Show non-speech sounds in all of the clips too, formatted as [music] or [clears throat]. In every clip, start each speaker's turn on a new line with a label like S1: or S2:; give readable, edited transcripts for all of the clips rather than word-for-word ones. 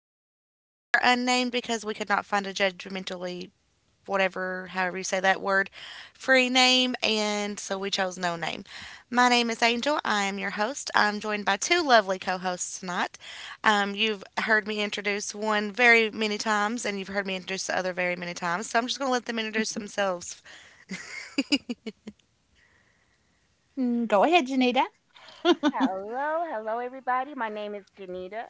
S1: Podcast. We are unnamed because we could not find a judgmentally, whatever, however you say that word, free name, and so we chose no name. My name is Angel. I am your host. I'm joined by two lovely co hosts tonight. You've heard me introduce one very many times, and you've heard me introduce the other very many times, so I'm just going to let them introduce themselves.
S2: Mm, go ahead, Janita. [laughs]
S3: Hello, hello, everybody. My name is Janita,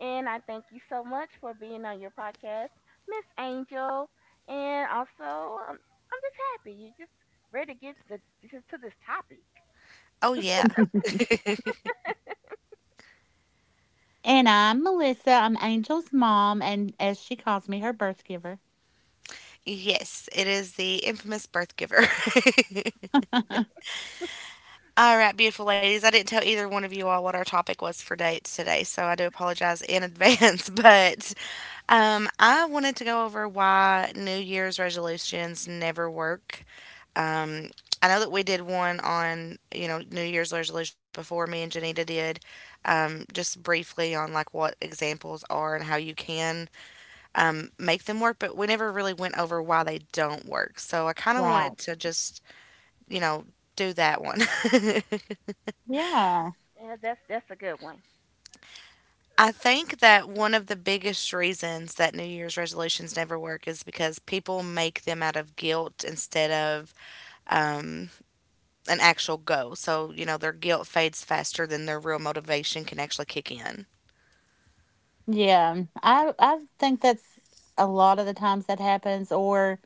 S3: and I thank you so much for being on your podcast, Miss Angel. And also, I'm just happy you just ready to get to this topic.
S1: Oh, yeah.
S2: And I'm Melissa. I'm Angel's mom, and as she calls me, her birth giver. [laughs]
S1: Yes, it is the infamous birth giver. [laughs] All right, beautiful ladies. I didn't tell either one of you all what our topic was for dates today, so I do apologize in advance. [laughs] But I wanted to go over why New Year's resolutions never work. Um, I know that we did one on New Year's resolutions before. Me and Janita did, just briefly on like what examples are and how you can, make them work, but we never really went over why they don't work. So I kind of
S2: Right.
S1: wanted to just you know do that one. [laughs]
S2: Yeah.
S3: Yeah, that's a good one.
S1: I think that one of the biggest reasons that New Year's resolutions never work is because people make them out of guilt instead of, um, an actual goal. So, you know, their guilt fades faster than their real motivation can actually kick in.
S2: Yeah, I think that's a lot of the times that happens, or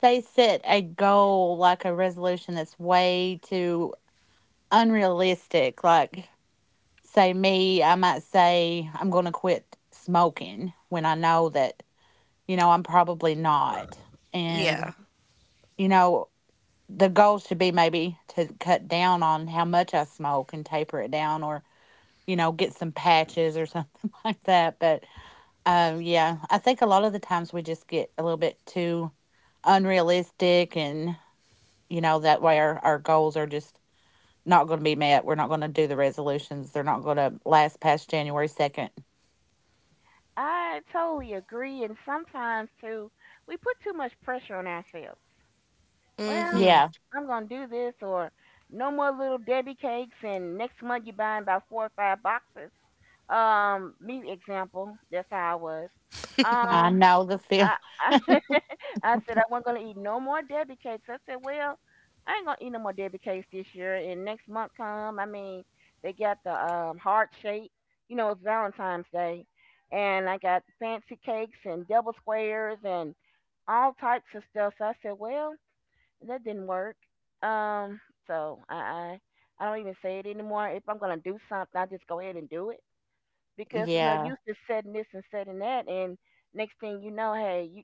S2: they set a goal like a resolution that's way too unrealistic. Like say me, I might say I'm going to quit smoking when I know that I'm probably not.
S1: Yeah.
S2: And you know the goal should be maybe to cut down on how much I smoke and taper it down, or get some patches or something [laughs] like that. But yeah, I think a lot of the times we just get a little bit too unrealistic, and that way our goals are just not going to be met. We're not going to do the resolutions. They're not going to last past January 2nd.
S3: I totally agree. And sometimes too, we put too much pressure on ourselves. Well,
S1: hmm
S2: Yeah,
S3: I'm gonna do this, or no more little Debbie cakes, and next month you're buying about four or five boxes. Me example. That's how I was.
S2: I
S3: Um,
S2: know the feeling.
S3: I I,
S2: [laughs]
S3: [laughs] I said I wasn't gonna eat no more Debbie cakes. I said, well, I ain't gonna eat no more Debbie cakes this year. And next month come, I mean, they got the heart shape. You know, it's Valentine's Day, and I got fancy cakes and double squares and all types of stuff. So I said, well, that didn't work. Um, so I don't even say it anymore. If I'm gonna do something, I just go ahead and do it because it's no
S2: Yeah,
S3: use just setting this and setting that, and next thing you know, hey, you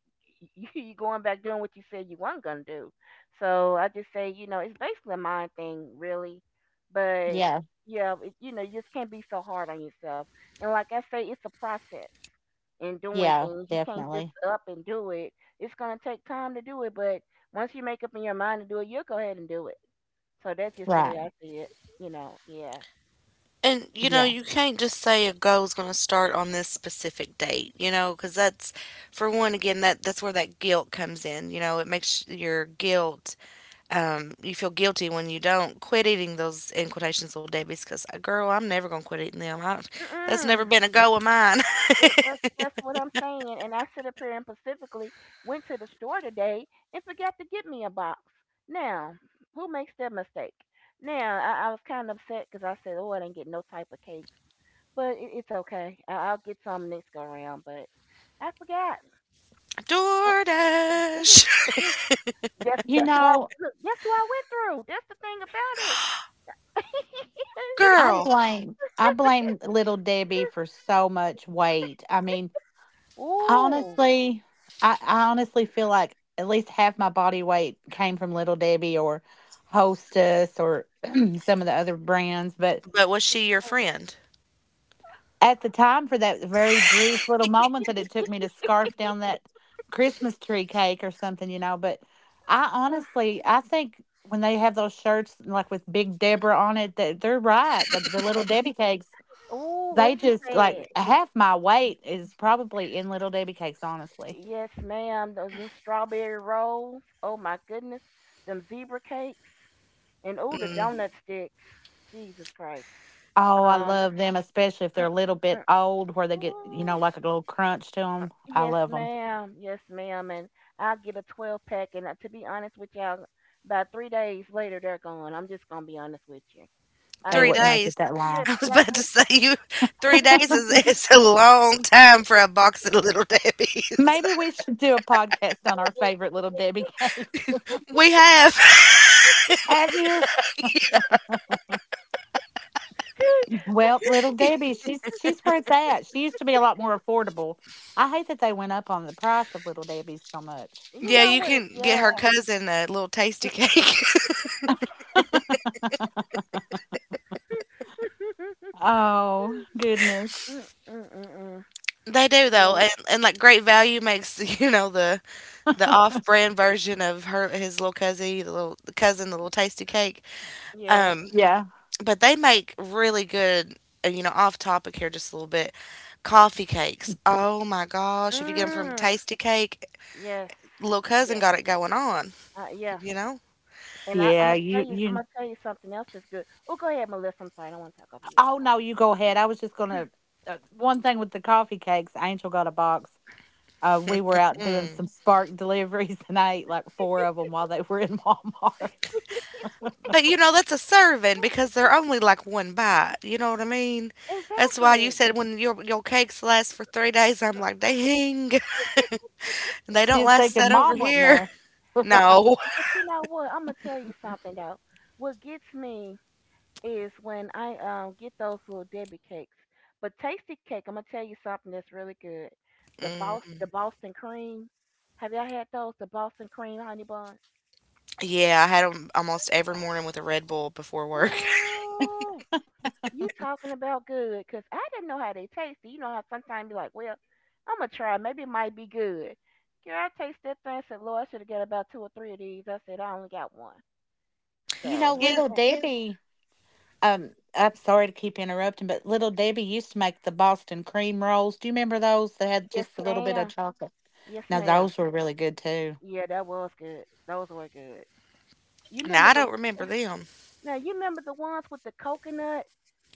S3: [laughs] you going back doing what you said you weren't gonna do. So I just say, it's basically a mind thing, really. But
S2: yeah,
S3: yeah, you just can't be so hard on yourself. And like I say, it's a process in doing
S2: yeah,
S3: things. You can't just
S2: definitely.
S3: up and do it. It's gonna take time to do it, but once you make up in your mind to do it, you'll go ahead and do it. So that's just the
S2: Right.
S3: way I see it. You know, yeah.
S1: And, you know,
S2: Yeah.
S1: you can't just say a goal is going to start on this specific date, you know, because for one, again, that's where that guilt comes in. You know, it makes your guilt, you feel guilty when you don't quit eating those, in quotations, little debbies, because girl I'm never gonna quit eating them. That's never
S3: Mm-mm.
S1: been a goal of mine. [laughs]
S3: That's what I'm saying. And I sit up here and specifically went to the store today and forgot to get me a box. Now, who makes that mistake? Now, I was kind of upset because I said, "Oh, I didn't get no type of cakes," but it's okay. I'll get some next go around. But I forgot. Uh,
S1: DoorDash.
S3: [laughs] that's
S2: You
S3: that's why
S2: know,
S3: look, that's what I went through. That's the thing about it. [laughs] I didn't even
S2: I
S3: check.
S1: Girl.
S2: blame I
S3: I forget.
S2: blame little Debbie for so much weight. I mean,
S3: Ooh,
S2: honestly, I honestly feel like at least half my body weight came from Little Debbie or Hostess or [clears throat] some of the other brands. But
S1: But was she your
S3: uh-huh.
S1: friend?
S2: at the time, for that very brief little moment that it took me to scarf down that Christmas tree cake or something, you know. But I honestly, I think when they have those shirts like with Big Deborah on it, that they're right. The
S3: uh, uh,
S2: Little Debbie cakes,
S3: ooh, what
S2: they
S3: you
S2: just,
S3: said.
S2: like, half my weight is probably in Little Debbie cakes, honestly.
S3: Yes, ma'am. Those them strawberry rolls. Oh my goodness. Them zebra cakes and oh the
S1: Mm,
S3: donut sticks. Jesus Christ.
S2: Oh, I
S3: Um.
S2: love them, especially if they're
S3: Mm,
S2: a little
S3: mm.
S2: bit old, where they get, you
S3: Ooh,
S2: know, like a little crunch to them. I
S3: yes,
S2: love them.
S3: ma'am. Yes, ma'am. And I'll get a 12 pack. And to be honest with y'all, about 3 days later they're gone. I'm just gonna be honest with you. I
S2: They
S1: three
S3: mean
S2: wouldn't
S3: they.
S2: make it
S1: days.
S2: that
S3: Yeah.
S1: [laughs]
S2: long.
S1: I was about to
S3: That's,
S1: say you, 3 days is, it's
S2: [laughs]
S1: a long time for a box of little Debbie's.
S2: Maybe we should do a podcast on our favorite little Debbie cakes.
S1: [laughs] We have.
S2: [laughs] Have you? Well, little Debbie, she's where it's at. She used to be a lot more affordable. I hate that they went up on the price of little Debbie's so much.
S3: [laughs] you
S1: Yeah,
S3: know
S1: you
S3: what?
S1: can get
S3: Yeah.
S1: her cousin, a little tasty cake.
S2: [laughs]
S3: [laughs]
S2: Oh goodness.
S3: Mm, mm, mm, mm.
S1: [laughs] They do though,
S3: Yeah.
S1: and like great value makes, [laughs] you know, the off-brand version of her, his little cousin, the cousin, the little tasty cake.
S3: Yeah.
S1: Um,
S2: Yeah.
S1: but they make really good. You know, off topic here just a little bit. Coffee cakes. Oh my gosh! If you get them from
S3: Mm.
S1: Tasty Cake,
S3: Yes.
S1: little cousin
S3: Yes.
S1: got it going on.
S3: Yeah.
S1: You know.
S3: And I'm
S2: Yeah.
S3: gonna tell
S2: You
S3: you, I'm
S2: you.
S3: gonna tell you something else that's good. Oh, go ahead, Melissa. I'm sorry, I don't want to talk over you.
S2: Oh
S3: I'm sorry.
S2: no, you go ahead. I was just gonna. One thing with the coffee cakes, Angel got a box. We were out doing
S1: Mm.
S2: some Spark [laughs] deliveries, and I ate like four of them while they were in Walmart.
S1: But you know that's a serving
S3: Mm,
S1: because
S3: mm,
S1: they're only like one bite.
S3: mm.
S1: You know what I mean? That's why you
S3: Exactly.
S1: said when your cakes last for 3 days, I'm
S3: Mm.
S1: like, dang,
S3: [laughs]
S1: [laughs] they
S2: [laughs]
S1: don't
S2: She's
S1: last
S2: thinking
S1: that over
S2: mom wasn't
S1: here.
S2: there.
S1: [laughs]
S2: [laughs]
S3: But
S2: Right.
S3: you,
S1: No.
S3: but you know what? I'm gonna tell you something though. What gets me is when I get those little Debbie cakes. But Tasty Cake, I'm gonna tell you something that's really good. The Boston cream. Have y'all had those? The Boston cream honey buns.
S1: Yeah, I had them almost every morning with a Red Bull before work. [laughs]
S3: Ooh. You talking about good, 'cause I didn't know how they tasted. You know how sometimes you like, well, I'm gonna try. Maybe it might be good. Girl, I tasted that thing. I said, Lord, I should have got about two or three of these. I said, I only got one.
S2: You know,
S3: So,
S1: You
S2: little
S3: uh,
S2: Debbie. I'm sorry to keep interrupting, but little Debbie used to make the Boston cream rolls. Do you remember those that had
S3: yes,
S2: just a little bit of
S3: ma'am.
S2: chocolate?
S3: Yes,
S2: Now
S3: ma'am.
S2: those were really good too.
S3: Yeah, that was good. Those were good. You
S1: now
S3: remember
S1: I
S3: the
S1: don't remember them.
S3: now? You remember the ones with the coconut?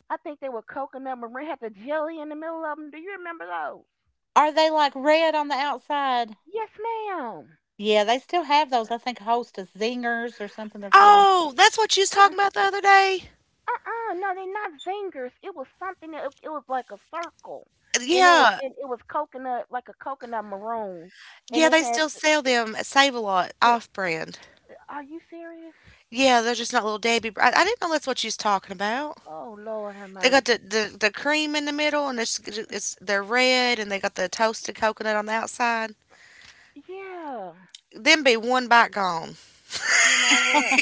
S3: I think they were coconut. Marie had the jelly in the middle of them. Do you remember those?
S2: Are they like red on the outside?
S3: Yes, ma'am.
S2: Yeah, they still have those. I think Hostess Zingers or something they're called.
S1: Oh, that's what you was talking about the other day?
S3: Uh-uh, no, they're not zingers. It was something that it was like a circle, and it was
S1: Yeah.
S3: and it was coconut like a coconut maroon, and
S1: Yeah,
S3: it
S1: they
S3: had.
S1: still sell them at Save-A-Lot
S3: The,
S1: off-brand.
S3: are you serious?
S1: Yeah, they're just not Little Debbie br I didn't know that's what you was talking about.
S3: Oh Lord, have
S1: They got the
S3: mercy.
S1: the the cream in the middle, and it's they're red, and they got the toasted coconut on the outside.
S3: Yeah,
S1: Them be one bite gone.
S3: you know what?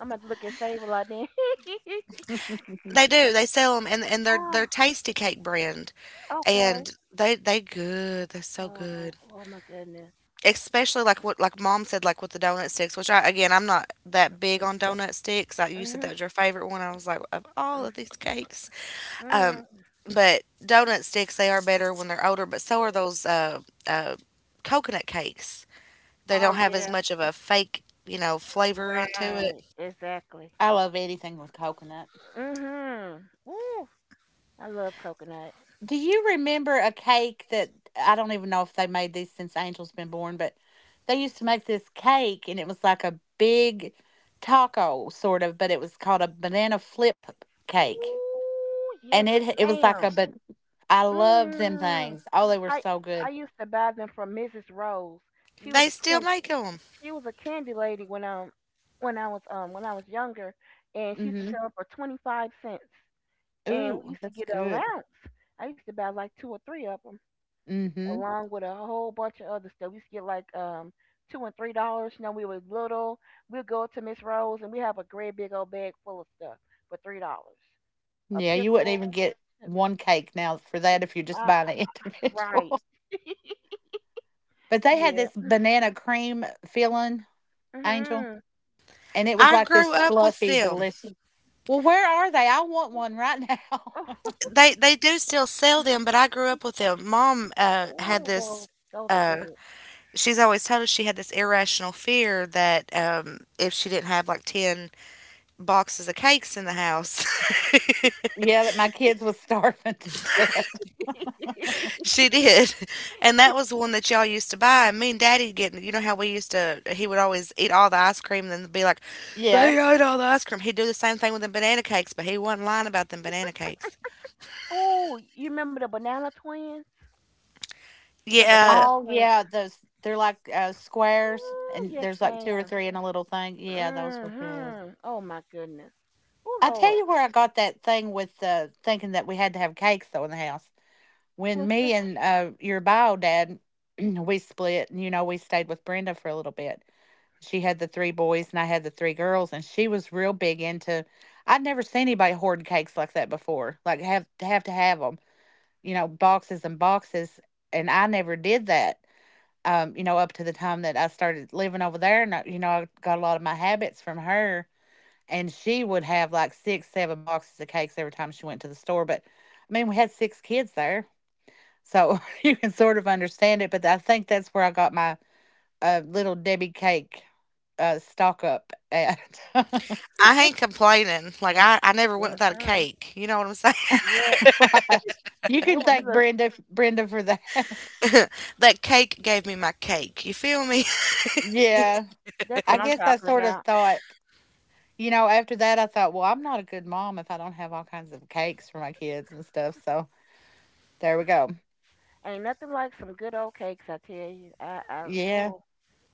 S3: I'm gonna look at Sable like that. [laughs]
S1: They do, they sell them, and they're
S3: Oh,
S1: Tasty Cake brand,
S3: okay.
S1: and they good, they're so
S3: Oh,
S1: good.
S3: oh my goodness.
S1: Especially like what like mom said, like with the donut sticks, which I again, I'm not that big
S3: Mm,
S1: on donut sticks, like you said
S3: mm-hmm.
S1: that was your favorite one. I was like, of all of these
S3: Mm-hmm.
S1: cakes, um
S3: Mm-hmm.
S1: but donut sticks, they are better when they're older, but so are those, uh coconut cakes. They
S3: Oh
S1: don't have as
S3: yeah,
S1: much of a fake, you know, flavor into it.
S3: right. Exactly.
S2: I love anything with coconut.
S3: Mhm. Woo. I love coconut.
S2: Do you remember a cake that, I don't even know if they made these since Angel's been born, but they used to make this cake and it was like a big taco sort of, but it was called a banana flip cake.
S3: Ooh, yes,
S2: And it was like a
S3: ma'am.
S2: but I loved them
S3: Mm.
S2: things. Oh, they were
S3: I
S2: so
S3: I
S2: good.
S3: used to buy them from Mrs. Rose. She was
S1: They
S3: a
S1: still
S3: candy
S1: make them.
S3: she was a candy lady when I was younger, and she used to
S2: Mhm.
S3: sell them for 25 cents. And we
S2: Ooh,
S3: used to
S2: that's
S3: get an
S2: good.
S3: allowance. I used to buy like two or three of them
S2: Mhm.
S3: along with a whole bunch of other stuff. We used to get like $2 and $3. You know, we were little. We'd go to Miss Rose and we have a great big old bag full of stuff for $3. A
S2: Yeah, you wouldn't
S3: pickle,
S2: even get one cake now for that if you're just
S3: Uh,
S2: buying an
S3: right.
S2: individual. [laughs] But they had
S3: Yeah.
S2: this banana cream filling, Angel.
S3: Mhm.
S2: And it was
S1: I
S2: like this
S1: grew up with
S2: fluffy,
S1: them.
S2: delicious. Well, where are they? I want one right
S3: Oh,
S2: now.
S3: [laughs]
S1: They do still sell them, but I grew up with them. Mom, had
S3: oh, well,
S1: this,
S3: those are
S1: uh,
S3: good.
S1: she's always told us, she had this irrational fear that, if she didn't have like 10 boxes of cakes in the house,
S2: [laughs] Yeah, that my kids was starving [laughs] to death.
S1: [laughs] she did. And that was the one that y'all used to
S3: Uh,
S1: buy. And me and daddy getting, you know how we used to, he would always eat all the ice cream and then be like,
S2: Yeah.
S1: they ate all the ice cream. He'd do the same thing with the banana cakes, but he wasn't lying about them banana cakes.
S3: oh, you remember the banana twins? The
S1: Yeah,
S3: banana
S2: Oh
S3: twin.
S2: yeah, those, they're like squares,
S3: Oh,
S2: and
S3: yes,
S2: there's like two or
S3: ma'am.
S2: three in a little thing. Yeah, those were good.
S3: Mhm. Oh my goodness. Oh
S2: I tell
S3: Lord.
S2: you where I got that thing with thinking that we had to have cakes though in the house. When
S3: What's that?
S2: me and your bio dad, [clears throat] we split, and you know we stayed with Brenda for a little bit. She had the three boys and I had the three girls, and she was real big into. I'd never seen anybody hoard cakes like that before. Like have to have them, you know, boxes and boxes, and I never did that. You know, up to the time that I started living over there, and I, you know, I got a lot of my habits from her. And she would have like six, seven boxes of cakes every time she went to the store. But I mean, we had six kids there, so [laughs] you can sort of understand it. But I think that's where I got my little Debbie cake stock up at. [laughs]
S1: I ain't complaining. Like, I never went without a
S3: Mm-mm.
S1: cake. You know what I'm saying? [laughs]
S3: Yeah.
S2: Fry's. You
S3: That
S2: can
S3: one,
S2: thank
S3: look,
S2: Brenda. For that. [laughs]
S1: That cake gave me my cake. You feel me? [laughs]
S2: Yeah,
S3: that's
S2: I
S3: what I'm
S2: guess I
S3: talking
S2: sort of
S3: about.
S2: thought, you know, after that I thought, well, I'm not a good mom if I don't have all kinds of cakes for my kids and stuff. So there we go.
S3: Ain't nothing like some good old cakes, I tell you.
S2: Yeah,
S3: Oh,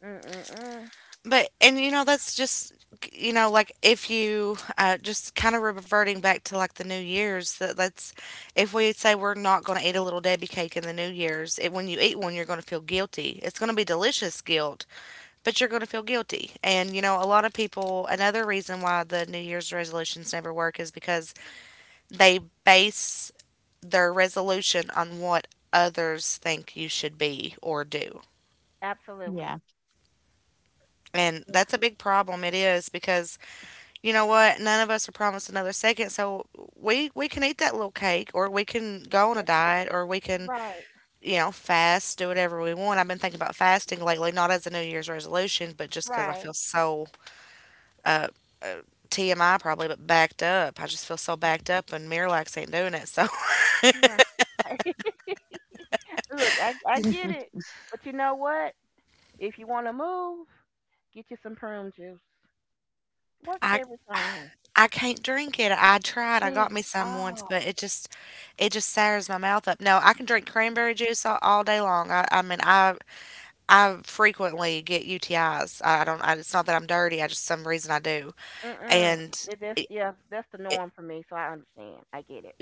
S3: mm, mm, mm.
S1: But and you know that's just, you know, like if you, just kind of reverting back to like the New Year's, that that's, if we say we're not going to eat a little Debbie cake in the New Year's, when you eat one you're going to feel guilty, it's going to be delicious guilt, but you're going to feel guilty. And you know, a lot of people, another reason why the New Year's resolutions never work is because they base their resolution on what others think you should be or do.
S3: Absolutely.
S2: yeah.
S1: And
S3: Yeah,
S1: that's a big problem. It is, because you know what? None of us are promised another second, so we can eat that little cake, or we can go on a
S3: that's
S1: diet, or we can,
S3: right,
S1: you know, fast, do whatever we want. I've been thinking about fasting lately, not as a New Year's resolution, but just because I
S3: right.
S1: feel so, uh, uh, TMI probably, but backed up. I just feel so backed up, and Miralax ain't doing it, so
S3: Nah. [laughs] Look, I get
S2: [laughs]
S3: it, but you know what? If you want to move, get you some prune juice.
S1: [laughs]
S3: Works
S1: I.
S3: every time.
S1: I can't drink it. I tried. I got
S3: Can't.
S1: me some once,
S3: Oh,
S1: but it just sours my mouth up. No, I can drink cranberry juice all day long. I mean, I frequently get UTIs. I don't. I, it's not that I'm dirty. I just some reason I do.
S3: mm-mm.
S1: And
S3: It- That's
S1: it,
S3: yeah, that's the
S1: it,
S3: norm for me, so I understand. I get it.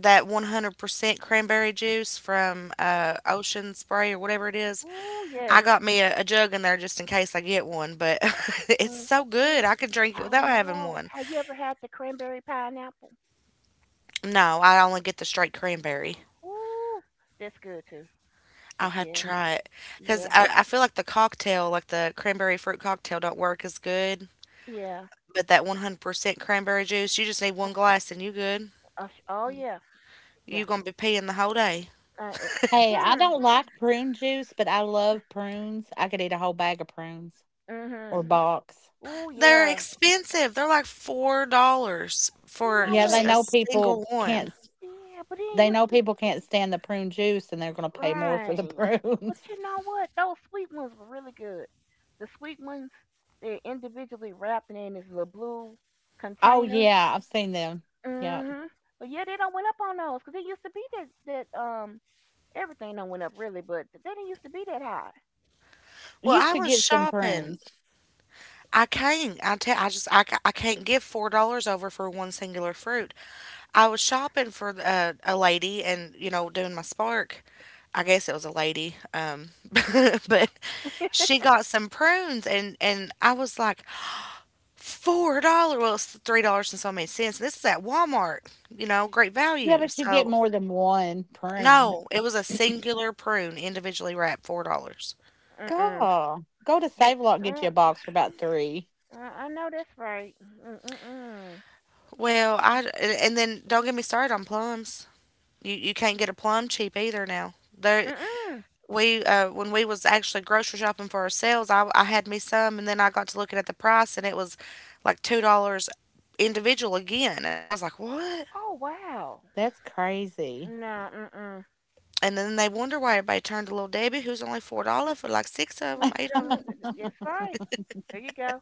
S1: that 100% cranberry juice from, Ocean Spray or whatever it is,
S3: Oh yes.
S1: I got me a jug in there just in case I get one. But [laughs] it's
S3: Mm.
S1: so good.
S3: Oh,
S1: I could drink it
S3: I
S1: without having
S3: know.
S1: one.
S3: Have you ever had the cranberry pineapple?
S1: No, I only get the straight cranberry.
S3: Ooh, that's good too. But
S1: I'll have to
S3: yeah,
S1: try it, because
S3: yeah,
S1: I feel like the cocktail, like the cranberry fruit cocktail, don't work as good.
S3: yeah.
S1: But that 100% cranberry juice, you just need one glass and you good.
S3: Oh yeah,
S1: You
S3: yeah.
S1: gonna be paying the whole day.
S3: Uh, [laughs]
S2: Hey, I
S3: hmm.
S2: don't like prune juice, but I love prunes. I could eat a whole bag of prunes or
S3: Mm-hmm.
S2: box.
S3: Ooh
S1: They're
S3: yeah.
S1: expensive. They're like $4
S3: You
S1: for
S3: know
S2: Yeah,
S1: just
S3: what?
S2: they
S1: a
S2: know
S1: single
S2: people
S1: one.
S2: can't. S-
S3: Yeah, but it
S2: They
S3: used
S2: know
S3: to
S2: people can't stand the prune juice, and they're going to pay more for
S3: right.
S2: the [laughs]
S3: But
S2: prunes.
S3: you know what? Those sweet ones were really good. The sweet ones, they're individually wrapped and in this little blue
S2: Oh,
S3: container.
S2: yeah, I've seen them. Yeah.
S3: Mhm. But yeah, they don't went up on those because it used to be that that everything don't went up really, but they didn't used to be that high.
S1: Well,
S2: You
S1: I
S2: should
S1: was
S2: get some
S1: shopping.
S2: prunes.
S1: I can't. I tell. I just. I, ca- I can't give $4 over for one singular fruit. I was shopping for a lady, and you know, doing my spark. I guess it was a lady. [laughs] But she got some prunes, and I was like, $4. Well, it's $3 and so many cents. This is at Walmart. You know, great
S2: Yeah,
S1: value.
S2: but you get
S1: So
S2: more than one prune.
S1: no, it was a singular prune, individually wrapped, $4.
S3: Mm mm.
S2: Go. Go to
S3: Yeah.
S2: Save A Lot and get
S3: Uh,
S2: you a box for about 3.
S3: I know that's right. Mm mm mm.
S1: Well, I and then don't get me started on plums. You can't get a plum cheap either now.
S3: Mm
S1: There
S3: mm.
S1: we, when we was actually grocery shopping for ourselves, I had me some and then I got to looking at the price and it was like $2, individual again, and I was like, "What?"
S3: Oh wow.
S2: That's crazy.
S3: Nah. Mm mm.
S1: And then they wonder why everybody turned to Little Debbie, who's only $4 for like six of
S3: Mm,
S1: them, eight of
S3: mm,
S2: [laughs]
S1: them.
S3: [laughs] That's right. There you go.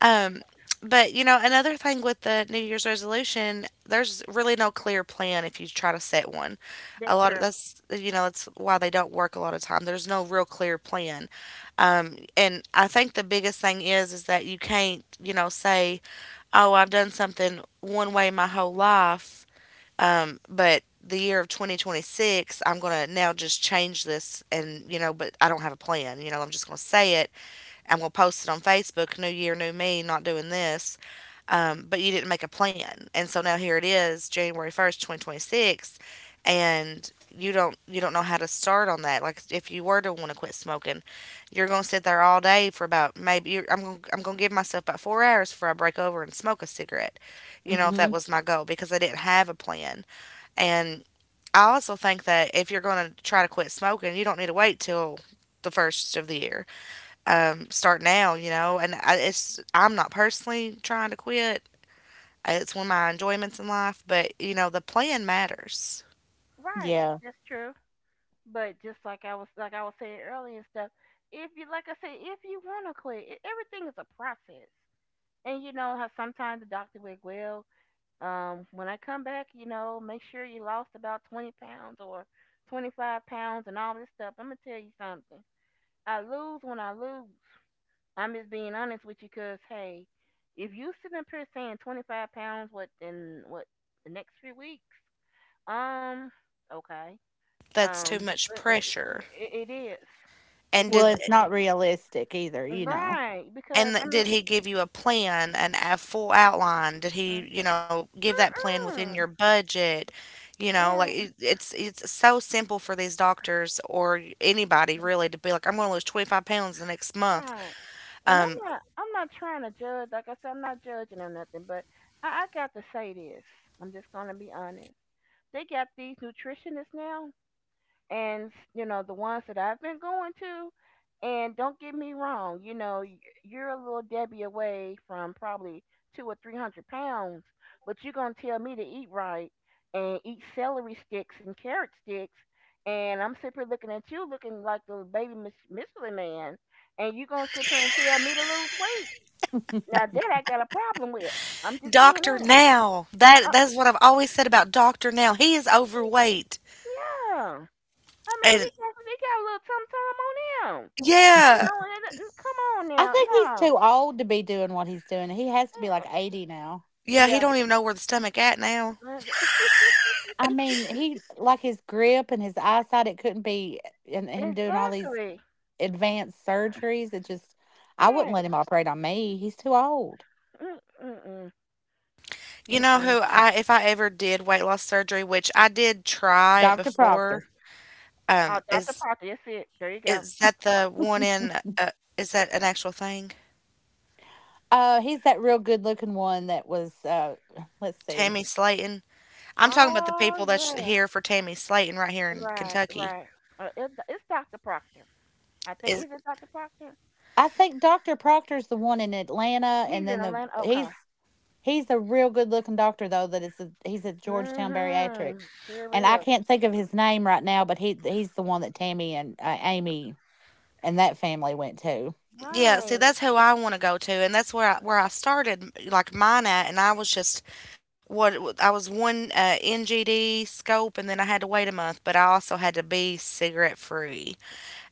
S1: Um, but you know, another thing with the New Year's resolution, there's really no clear plan if you try to set one.
S3: That's
S1: A lot of
S3: true.
S1: that's, you know, that's why they don't work a lot of time. There's no real clear plan, and I think the biggest thing is that you can't, you know, say, oh, I've done something one way my whole life, but the year of 2026 I'm going to now just change this. And you know, but I don't have a plan, you know, I'm just going to say it. I'm going to post it on Facebook, New Year, New Me, not doing this. But you didn't make a plan. And so now here it is, January 1st, 2026. And you don't know how to start on that. Like if you were to want to quit smoking, you're going to sit there all day for about, maybe you're, I'm going to give myself about 4 hours before I break over and smoke a cigarette, you know, if
S2: Mhm.
S1: that was my goal, because I didn't have a plan. And I also think that if you're going to try to quit smoking, you don't need to wait till the first of the year. Start now, you know. And it's I'm not personally trying to quit. It's one of my enjoyments in life, but you know, the plan matters.
S3: Right.
S2: Yeah.
S3: That's true. But just like I was saying earlier and stuff, if you like I said, if you wanna quit, everything is a process. And you know how sometimes the doctor will, well, when I come back, you know, make sure you lost about 20 pounds or 25 pounds and all this stuff. I'm gonna tell you something. I lose when I lose. I'm just being honest with you, cause hey, if you sitting up here saying 25 pounds what in what the next few weeks, um, okay.
S1: That's too
S3: Um,
S1: much
S3: uh, uh, it,
S1: pressure.
S3: it, it is. It
S1: And
S2: Well,
S1: did
S2: it's
S3: is.
S2: not realistic either, you know.
S3: Right.
S1: and
S3: Because I
S1: th- did
S3: mean,
S1: he give you a plan, an a full outline? Did
S3: mm,
S1: he give that plan within your
S3: mm-mm.
S1: budget? You know, like
S3: Yeah,
S1: it's so simple for these doctors or anybody really to be like, I'm going to lose 25 pounds the next month.
S3: right. And I'm
S1: Um,
S3: not. I'm not trying to judge. Like I said, I'm not judging or nothing. But I got to say this. I'm just gonna be honest. They got these nutritionists now. And you know the ones that I've been going to. And don't get me wrong, you know you're a little Debbie away from probably two or three hundred pounds, but you're gonna tell me to eat right and eat celery sticks and carrot sticks, and I'm sitting here looking at you looking like the baby Michelin Man, and you're gonna sit here and tell me to lose weight. Now that I got a problem with. I'm just being
S1: Dr.
S3: honest.
S1: Now. That
S3: Uh,
S1: that's what I've always said about Dr. Now. He is overweight.
S3: yeah, I mean he
S1: And
S3: got he got a little tum tum on him. You
S1: yeah.
S3: know, and come on
S2: I
S3: now,
S2: think he's
S3: no.
S2: too old to be doing what he's doing. He has to be
S3: Mm,
S2: like 80 now.
S1: Yeah, he
S3: yeah,
S1: don't even know where the stomach at now.
S3: mm, [laughs]
S2: I mean, he's like his grip and his eyesight, it couldn't be and him doing all these
S3: exactly,
S2: advanced surgeries, it just I wouldn't
S3: right.
S2: let him operate on me. He's too old.
S3: Mm, mm-mm,
S1: You know
S3: mm-mm.
S1: who I, if I ever did weight loss surgery, which I did try it
S2: Dr. Proctor.
S1: before, um
S3: Oh, Dr.
S1: is
S3: Parker, that's it. There you go,
S1: is that
S3: Dr.
S1: the
S3: Parker.
S1: one in is that an actual thing?
S2: He's that real good looking one that was let's see.
S1: Tammy Slayton. I'm talking about the
S3: Oh
S1: people that's
S3: yeah,
S1: here for Tammy Slayton right here in
S3: right,
S1: Kentucky.
S3: right. It's Dr. Proctor. I think is it Dr. Proctor?
S2: I think Dr. Proctor's the one in Atlanta,
S3: He's
S2: and
S3: in
S2: then the
S3: Atlanta. Okay.
S2: he's he's a real good looking doctor though, that is a, he's at Georgetown Bariatric.
S3: Mhm. Sure
S2: And I
S3: is.
S2: can't think of his name right now, but he he's the one that Tammy and Amy and that family went to.
S1: Yeah, see,
S3: Right.
S1: that's who I want to go to, and that's where I started, like mine at, and I was just what I was one NGD scope, and then I had to wait a month, but I also had to be cigarette free,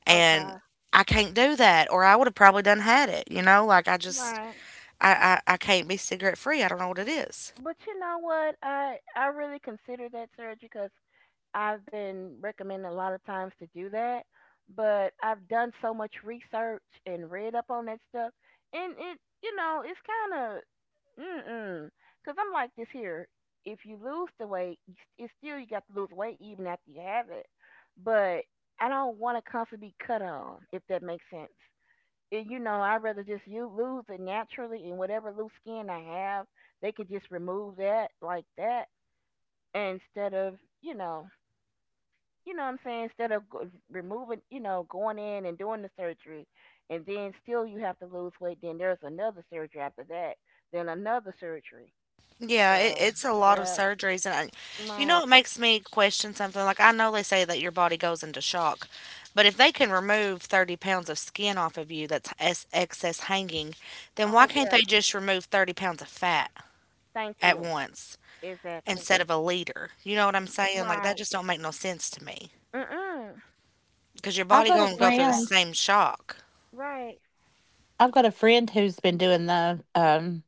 S1: and
S3: Okay.
S1: I can't do that, or I would have probably done had it, you know, like
S3: Right.
S1: I can't be cigarette free. I don't know what it is.
S3: But you know what? I really consider that surgery because. I've been recommended a lot of times to do that, but I've done so much research and read up on that stuff, and it's kind of mm because I'm like this here. If you lose the weight, it's still you got to lose weight even after you have it. But I don't want to constantly be cut on, if that makes sense. And you know, I'd rather just you lose it naturally, and whatever loose skin I have, they could just remove that like that instead of you know you know what I'm saying, instead of removing, going in and doing the surgery, and then still you have to lose weight, then there's another surgery after that, then another surgery.
S1: Yeah, it,
S3: So,
S1: it's a lot of
S3: yeah,
S1: surgeries, and I, you know,
S3: right.
S1: it makes me question something. Like I know they say that your body goes into shock, but if they can remove 30 pounds of skin off of you that's excess hanging, then
S3: Oh,
S1: why can't
S3: yeah,
S1: they just remove 30 pounds of fat
S3: thank
S1: at
S3: you.
S1: once
S3: Exactly.
S1: instead of a liter? You know what I'm saying? Like
S3: Right.
S1: that just don't make no sense to me
S3: Mm-mm.
S1: because your
S2: I've
S1: body
S2: got a
S1: gonna go through the
S2: friend.
S1: same shock.
S3: Right.
S2: Who's been doing the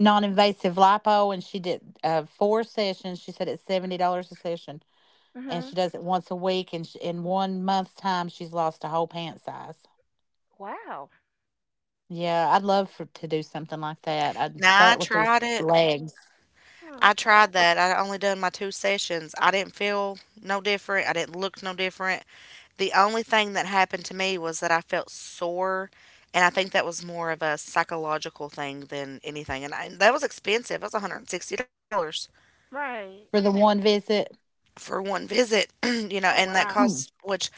S2: non-invasive lipo, and she did four sessions. She said it's $70 a session, and
S3: Mm-hmm.
S2: she does it once a week, and sh in 1 month's time she's lost a whole pant size.
S3: Wow.
S2: Yeah, I'd love for to do something like that. I'd
S1: Now I
S2: start with those
S1: tried it.
S2: legs
S3: Hmm,
S1: I tried
S3: okay.
S1: that. I only done my two sessions. I didn't feel no different. I didn't look no different. The only thing that happened to me was that I felt sore, and I think that was more of a psychological thing than anything. That was expensive. It was $160
S3: Right.
S2: for the one visit.
S1: for one visit, [clears throat] you know,
S3: Oh,
S1: and that
S3: wow.
S2: Mm-hmm.
S1: cost, which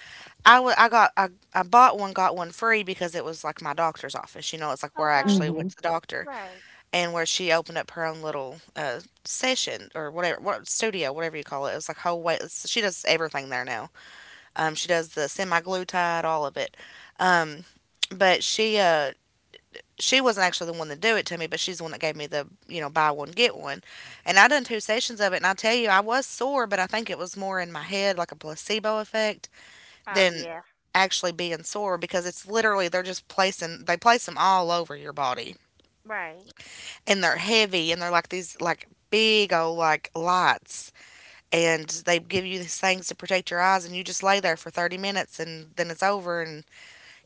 S1: I wa- I got I bought one got one free because it was like my doctor's office, you know. It's like where I
S3: Okay.
S1: actually went
S2: Mm
S1: to the doctor
S3: Right.
S1: and where she opened up her own little session, or whatever, what studio, whatever you call it. It was like whole way, so she does everything there now. She does the semi-glutide, all of it. Um, but she wasn't actually the one to do it to me, but she's the one that gave me the buy one get one, and I done two sessions of it, and I tell you I was sore, but I think it was more in my head, like a placebo effect
S3: Oh,
S1: than
S3: yeah.
S1: actually being sore, because it's literally they're just placing they place them all over your body,
S3: Right.
S1: and they're heavy, and they're like these like big old like lights, and they give you these things to protect your eyes, and you just lay there for 30 minutes and then it's over. And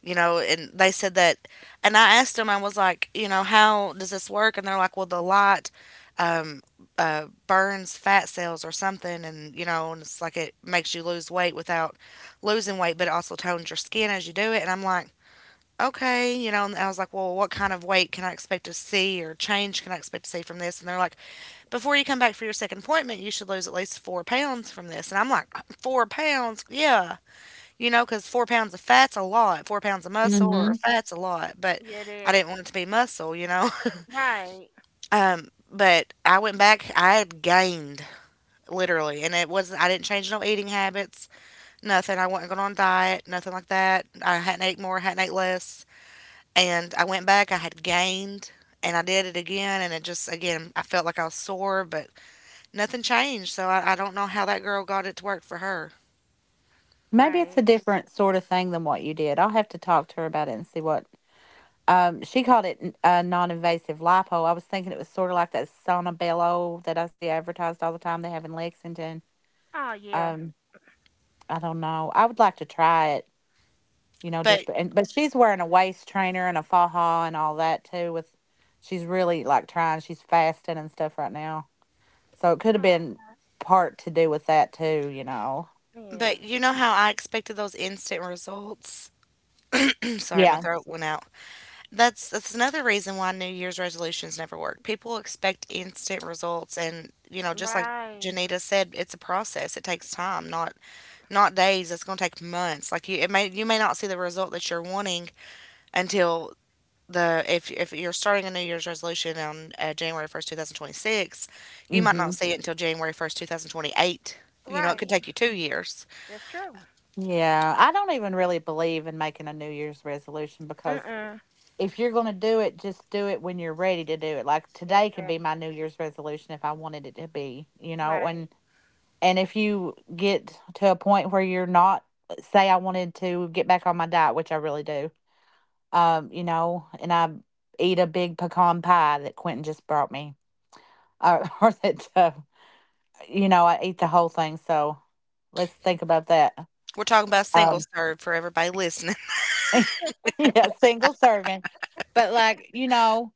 S1: you know, and they said that, and I asked them, I was like, you know, how does this work? And they're like, well, the light, um burns fat cells or something. And you know, and it's like it makes you lose weight without losing weight, but it also tones your skin as you do it. And I'm like, okay. You know, and I was like, well, what kind of weight can I expect to see, or change can I expect to see from this? And they're like, before you come back for your second appointment, you should lose at least 4 pounds from this. And I'm like, 4 pounds? Yeah. You know, because 4 pounds of fat's a lot. 4 pounds of muscle or
S2: hmm.
S1: fat's a lot. But
S3: Yeah, it
S1: I
S3: is.
S1: didn't want it to be muscle, you know?
S3: Right.
S1: [laughs] But I went back, I had gained literally. And it wasn't, I didn't change no eating habits, nothing. I wasn't going on diet, nothing like that. I hadn't ate more, hadn't ate less. And I went back, I had gained. And I did it again, and it just, again, I felt like I was sore, but nothing changed, so I don't know how that girl got it to work for her.
S2: Maybe it's a
S3: Right.
S2: different sort of thing than what you did. I'll have to talk to her about it and see what she called it. N- non-invasive lipo. I was thinking it was sort of like that sauna bello that I see advertised all the time they have in Lexington.
S3: Oh, yeah.
S2: Um. I don't know. I would like to try it, you know,
S1: But
S2: just and but she's wearing a waist trainer and a faja and all that too with she's really like trying, she's fasting and stuff right now. So it could have
S3: Yeah.
S2: been part to do with that too, you know.
S3: Yeah.
S1: but you know how I expected those instant results? [clears throat] Sorry, my
S2: Yeah.
S1: throat went out. That's another reason why New Year's resolutions never work. People expect instant results, and you know, just like
S3: Right.
S1: Janita said, it's a process. It takes time, not days. It's gonna take months. Like you may not see the result that you're wanting until, the if you're starting a New Year's resolution on January 1st, 2026, you might not
S2: Mhm.
S1: see it until January 1st, 2028. You know, it could
S3: Right.
S1: take you 2 years.
S3: That's true.
S2: Yeah, I don't even really believe in making a New Year's resolution, because
S3: Mm-mm.
S2: if you're going to do it, just do it when you're ready to do it. Like today could be my
S3: Exactly.
S2: New Year's resolution if I wanted it to be, you know.
S3: Right.
S2: And if you get to a point where you're not, say, I wanted to get back on my diet, which I really do, you know, and I eat a big pecan pie that Quentin just brought me, or [laughs] or that, you know, I eat the whole thing. So let's think about that.
S1: We're talking about
S3: Well,
S1: single
S2: Um,
S1: serve for everybody listening. [laughs]
S2: [laughs] yeah, single serving. But like, you know,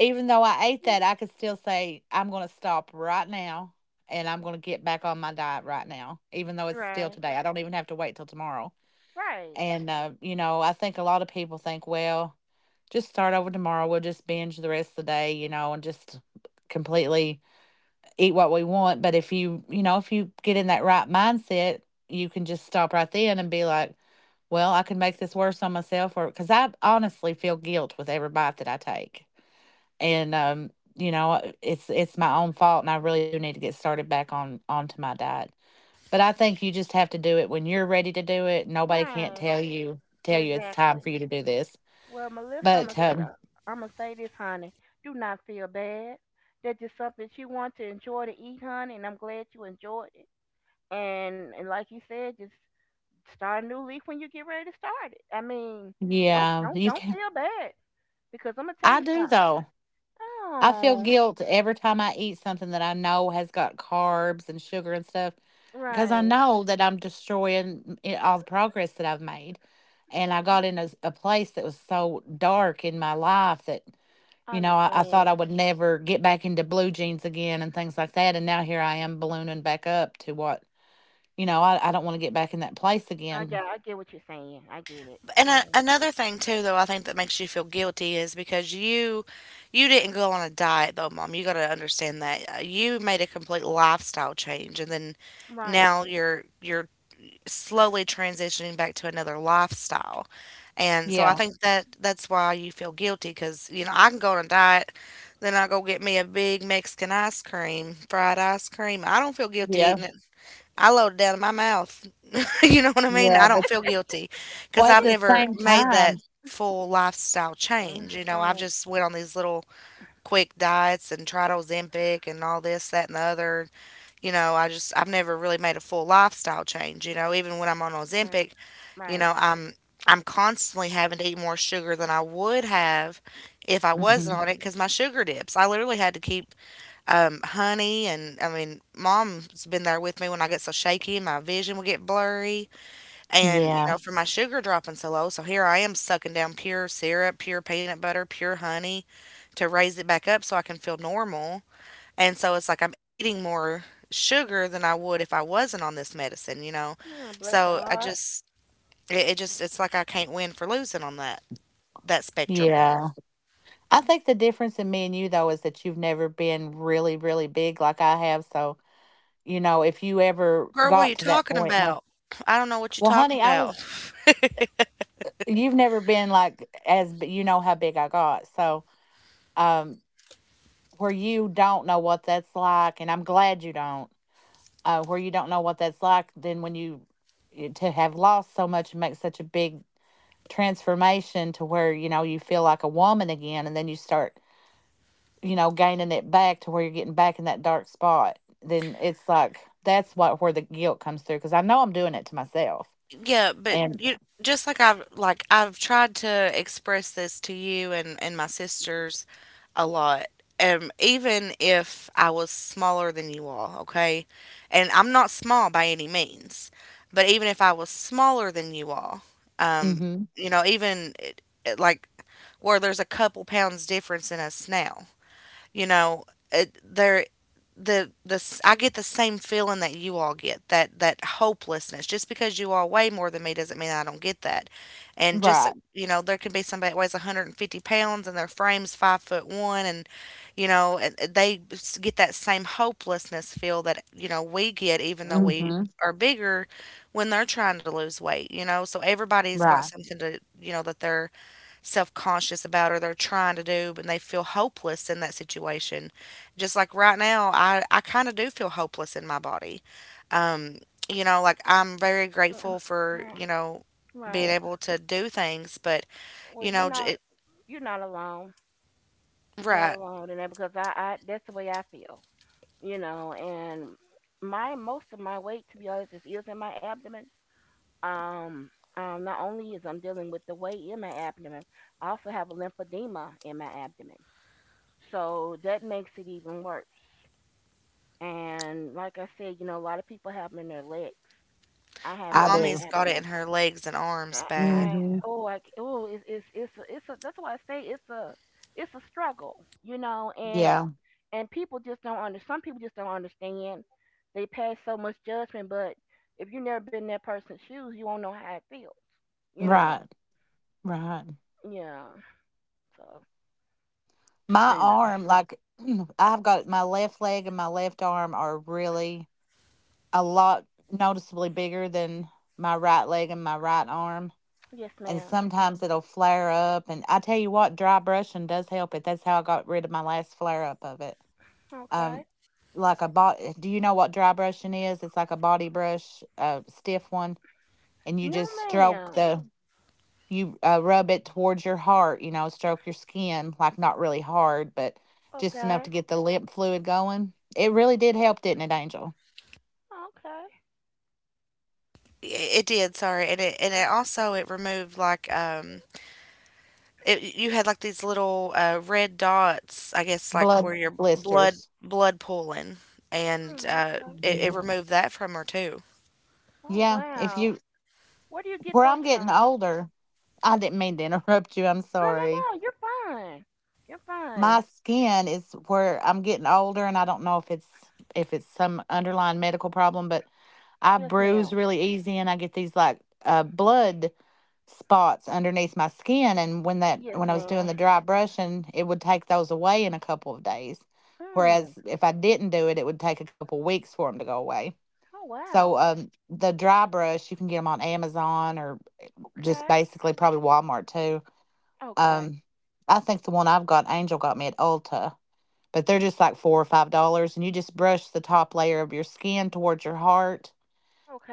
S2: even though I ate that, I could still say, I'm going to stop right now and I'm going to get back on my diet right now, even though it's still
S3: right.
S2: today. I don't even have to wait till tomorrow.
S3: Right.
S2: And, you know, I think a lot of people think, well, just start over tomorrow. We'll just binge the rest of the day, you know, and just completely eat what we want. But if you, you know, if you get in that right mindset, you can just stop right then and be like, well, I can make this worse on myself, or because I honestly feel guilt with every bite that I take, and you know, it's my own fault, and I really do need to get started back on onto my diet. But I think you just have to do it when you're ready to do it. Nobody can't
S3: Right.
S2: tell you it's time
S3: Exactly.
S2: for you to do this.
S3: Well, Melissa, I'm
S2: But
S3: gonna I'm gonna say this, honey. Do not feel bad. That's just something that you want to enjoy to eat, honey, and I'm glad you enjoyed it. And like you said, just start a new leaf when you get ready to start it. I mean, don't
S2: yeah,
S3: don't
S2: you
S3: don't
S2: can.
S3: feel bad because I'm gonna tell
S2: I
S3: you
S2: do
S3: something.
S2: though. I feel
S3: Oh,
S2: guilt every time I eat something that I know has got carbs and sugar and stuff, because I
S3: right.
S2: know that I'm destroying I- all the progress that I've made. And I got in a, s- a place that was so dark in my life that,
S3: I
S2: you know, I thought I
S3: understand.
S2: would never get back into blue jeans again and things like that. And now here I am ballooning back up to what. You know, I don't wanna get back in that place
S3: I get,
S2: again.
S3: I get what you're saying. I get it.
S1: And a,
S3: Yeah.
S1: another thing, too, though, I think that makes you feel guilty is because you didn't go on a diet though, mom. You got to understand that, you made a complete lifestyle change, and then
S3: Right.
S1: now you're slowly transitioning back to another lifestyle. And so I
S2: Yeah,
S1: think that that's why you feel guilty, because, you know, I can go on a diet, then I go get me a big Mexican ice cream, fried ice cream. I don't feel guilty
S2: yeah,
S1: eating it. I load it down in my mouth. [laughs] You know what I mean? I
S2: yeah, but
S1: don't feel guilty because
S2: well, at
S1: I've
S2: the
S1: never
S2: same
S1: made that
S2: time,
S1: full lifestyle
S3: Mm-mm.
S1: change. You know, I've
S3: Right.
S1: just went on these little quick diets and tried Ozempic and all this, that, and the other. You know, I've never really made a full lifestyle change. You know, even when I'm on
S3: Yeah.
S1: Ozempic, you
S3: Right.
S1: know, I'm constantly having to eat more sugar than I would have if I wasn't
S2: mhm,
S1: on it, because my sugar dips. I literally had to keep honey, and I mean, mom's been there with me when I get so shaky and my vision will get blurry, and you
S2: yeah,
S1: know, for my sugar dropping so low. So here I am sucking down pure syrup, pure peanut butter, pure honey to raise it back up so I can feel normal. And so it's like I'm eating more sugar than I would if I wasn't on this medicine, you know.
S3: Yeah, bless your
S1: So I
S3: heart.
S1: just, it's like I can't win for losing on that spectrum there.
S2: yeah. I think the difference in me and you, though, is that you've never been really, really big like I have, so, you know, if you ever
S1: Girl, what are you
S2: got to that
S1: talking
S2: point where,
S1: about? I don't know what you're
S2: well,
S1: talking
S2: honey, I
S1: about.
S2: was, you've never been, like, as b you know how big I got, so, um, where you don't know what that's like, and I'm glad you don't. Where you don't know what that's like, then when you eh, to have lost so much and make such a big transformation to where you know you feel like a woman again, and then you start, you know, gaining it back to where you're getting back in that dark spot, then it's like that's what where the guilt comes through because I know I'm doing it to myself,
S1: Yeah, but
S2: and
S1: you, just, like I've tried to express this to you, and my sisters, a lot. Even if I was smaller than you all, okay? And I'm not small by any means, but even if I was smaller than you all, um,
S2: mm-hmm,
S1: you know, even it, it, like where there's a couple pounds difference in us now. You know, it, there the s- I get the same feeling that you all get, that hopelessness. Just because you all weigh more than me doesn't mean I don't get that. And just,
S2: right,
S1: you know, there can be somebody that weighs 150 pounds and their frame's 5 foot one, and you know, and they get that same hopelessness feel that you know we get, even though we
S2: mm-hmm,
S1: are bigger, when they're trying to lose weight. You know, so everybody's got
S2: right,
S1: something, to that they're self conscious about or they're trying to do, and they feel hopeless in that situation. Just like right now, I kind of do feel hopeless in my body. Um, you know, like I'm very
S3: Mm-mm.
S1: grateful for,
S3: Right.
S1: you know, being
S3: Right.
S1: able to do things, but,
S3: Well,
S1: you know,
S3: you're not alone. You're not
S1: right.
S3: alone in that because that's the way I feel. You know, and my most of my weight, to be honest, is in my abdomen. Um, not only is I'm dealing with the weight in my abdomen, I also have a lymphedema in my abdomen. So that makes it even worse. And like I said, you know, a lot of people have them in their legs. I have it
S2: I
S3: in my
S2: do,
S1: Mommy's got it
S3: abdomen.
S1: in her legs and arms
S3: I
S1: bad.
S2: mm-hmm,
S3: oh, I, c- oh, it's that's why I say it's a struggle, you know,
S2: yeah,
S3: and people just don't under some people just don't understand. They pass so much judgment, but if you never been in that person's shoes, you won't know how it feels, you know.
S2: right, right.
S3: Yeah. So,
S2: My
S3: you know.
S2: arm, like, [clears throat] I've got my left leg and my left arm are really a lot noticeably bigger than my right leg and my right arm.
S3: Yes,
S2: And
S3: ma'am.
S2: sometimes it'll flare up. And I tell you what, dry brushing does help it. That's how I got rid of my last flare up of it.
S3: Okay.
S2: Um, like a bot. Do you know what dry brushing is? It's like a body brush, a stiff one, and you
S3: No,
S2: just stroke
S3: ma'am.
S2: the. You rub it towards your heart. You know, stroke your skin, like not really hard, but just enough
S3: Okay.
S2: to get the lymph fluid going. It really did help, didn't it, Angel?
S3: Okay.
S1: It did, sorry, and it and
S3: Uh,
S1: it also it removed, like, it you had, like, these little, red dots, I guess, like,
S2: Blood
S1: where your blood
S2: blisters.
S1: blood pooling, and,
S3: mm, okay.
S1: it removed that from her too.
S3: Oh
S2: Yeah, if
S3: wow.
S2: you
S3: Where do you get
S2: where
S3: those
S2: I'm getting
S3: from?
S2: older, I didn't mean to [laughs] interrupt you. I'm
S3: No, no,
S2: sorry.
S3: no. You're fine. You're
S2: My
S3: fine.
S2: skin is where I'm getting older, and I don't know if it's some underlying medical problem, but I
S3: Yes,
S2: bruise
S3: ma'am.
S2: really easy, and I get these like blood spots underneath my skin. And when that
S3: Yes,
S2: when I was doing
S3: ma'am.
S2: the dry brushing, it would take those away in a couple of days. Whereas
S3: Mm.
S2: if I didn't do it, it would take a couple weeks for them to go away.
S3: Oh
S2: So
S3: wow.
S2: the dry brush you can get them on Amazon or just
S3: Okay.
S2: basically probably Walmart too.
S3: Okay.
S2: Um, I think the one I've got, Angel got me at Ulta, but they're just like $4 or $5, and you just brush the top layer of your skin towards your heart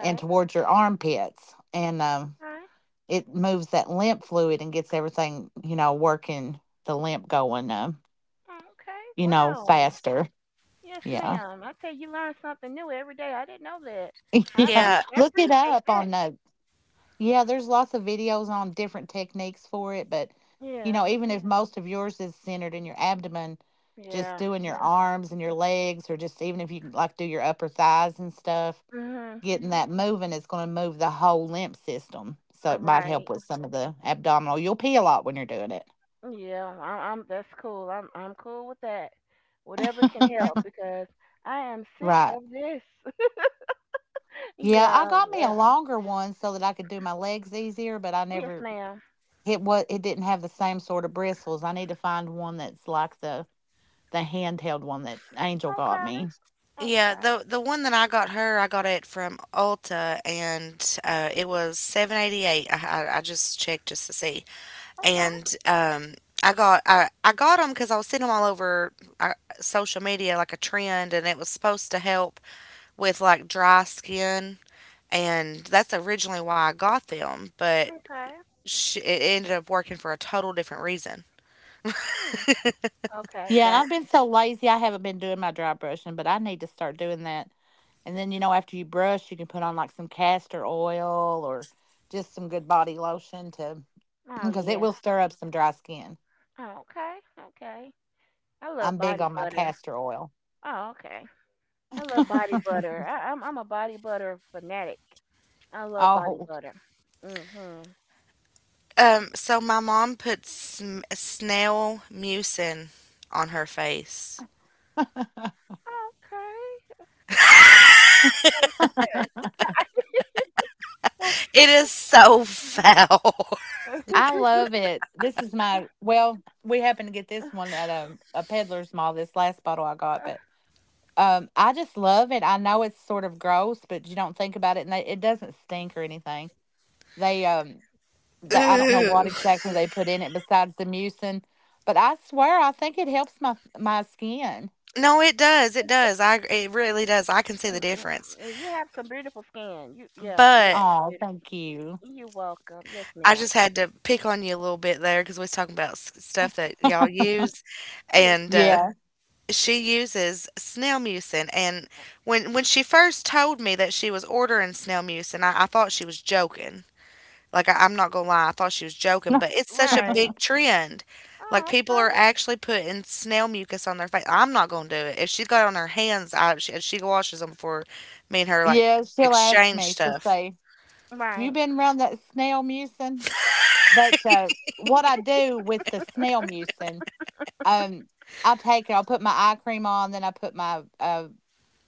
S2: and towards your armpits, and
S3: Okay.
S2: it moves that lymph fluid and gets everything you know working the lymph going,
S3: Okay.
S2: you know,
S3: Wow.
S2: faster.
S3: Yes,
S2: Yeah,
S3: ma'am. I tell you, you learn something new every day. I didn't know that.
S2: [laughs] yeah.
S1: Yeah,
S3: I
S2: Look it
S3: appreciate
S2: up
S3: that.
S2: on yeah, there's lots of videos on different techniques for it, but you know,
S3: Yeah.
S2: even if Mhm. most of yours is centered in your abdomen, just
S3: Yeah.
S2: doing your arms and your legs, or just even if you can like do your upper thighs and stuff,
S3: Mhm.
S2: getting that moving is going to move the whole lymph system. So it might help
S3: Right.
S2: with some of the abdominal. You'll pee a lot when you're doing it.
S3: Yeah. I, I'm. That's cool. I'm cool with that. Whatever can help because I am sick
S2: Right.
S3: of this.
S2: Yeah, I
S3: Yeah,
S2: got me
S3: yeah.
S2: a longer one so that I could do my legs easier, but I
S3: Yes,
S2: never
S3: ma'am.
S2: it what it didn't have the same sort of bristles. I need to find one that's like the handheld one that Angel got
S3: Okay,
S2: me.
S1: yeah,
S3: okay,
S1: the one that I got her, I got it from Ulta, and, it was 7.88. I just checked just to see,
S3: okay,
S1: and, I got them because I was seeing them all over, uh, social media, like, a trend, and it was supposed to help with, like, dry skin, and that's originally why I got them, but,
S3: okay.
S1: it ended up working for a total different reason.
S3: Hmm. Okay,
S2: Yeah, and
S3: got.
S2: I've been so lazy I haven't been doing my dry brushing, but I need to start doing that. And then you know after you brush, you can put on like some castor oil or just some good body lotion to [clears throat]
S3: Oh
S2: because it
S3: yeah.
S2: will stir up some dry skin.
S3: Oh, okay, okay. I love
S2: I'm big
S3: body
S2: on my
S3: butter.
S2: castor oil.
S3: Oh, okay. I love body
S2: [laughs]
S3: butter. I'm a body butter fanatic. I love body
S2: oh.
S3: butter. Mhm.
S1: So, my mom put snail mucin on her face.
S2: [laughs]
S3: Okay. Okay. [laughs]
S1: It is so foul.
S3: okay.
S2: I love it. This is my well, we happened to get this one
S3: [laughs]
S2: at a peddler's mall, this last bottle I got, but I just love it. I know it's sort of gross, but you don't think about it, and they, it doesn't stink or anything. They um,
S1: [laughs]
S2: they I don't know what
S1: Ooh.
S2: exactly they put in it besides the mucin, but I swear I think it helps my skin.
S1: No, it does.
S3: Uh,
S1: It does. I it really does. I can see
S3: mm,
S1: the
S3: mm,
S1: difference.
S3: mm. You have some beautiful skin. You're
S1: But
S2: Oh,
S3: beautiful.
S2: thank you.
S3: You're welcome. Yes,
S1: I
S3: ma'am.
S1: just had to pick on you a little bit there, because we was talking about stuff that y'all use,
S3: Yes,
S1: and
S3: ma'am.
S2: Yeah,
S1: she uses snail mucin. And when she first told me that she was ordering snail mucin, I thought she was joking. Like, I'm not gonna lie, I thought she was joking, but
S2: [laughs]
S1: it's such a
S3: Right.
S1: big trend. Like,
S3: Oh,
S1: people
S3: okay.
S1: are actually putting snail mucus on their face. I'm not gonna do it. If she got it on her hands, and she washes them before me and her like
S2: yeah. She'll ask
S1: exchange
S2: me. She'll
S1: stuff.
S2: say, "Have
S3: Right.
S2: you been around that snail mucin?" But what I do with the snail mucin, um, I'll take it. I'll put my eye cream on, then I put my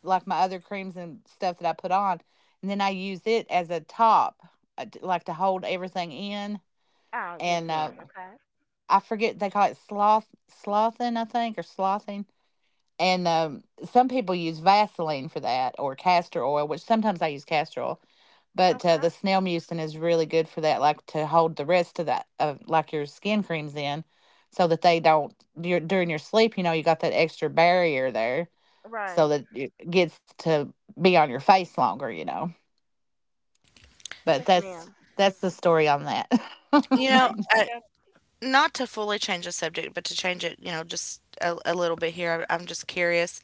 S2: like my other creams and stuff that I put on, and then I use it as a top, like to hold everything in.
S3: Oh, yes,
S2: And
S3: ma'am. Okay.
S2: I forget they call it sloth slothing, I think, or slothing. And some people use Vaseline for that, or castor oil, which sometimes I use castor oil. But
S3: Okay.
S2: the snail mucin is really good for that, like to hold the rest of that, of like your skin creams in, so that they don't dur- during your sleep. You know, you got that extra barrier there so
S3: Right.
S2: that it gets to be on your face longer, you know.
S3: Yes,
S2: But
S3: ma'am.
S2: that's the story on that. [laughs]
S1: You
S3: Okay.
S1: know,
S3: I
S1: uh,
S3: got.
S1: Not to fully change the subject, but to change it, you know, just a little bit here. I'm just curious.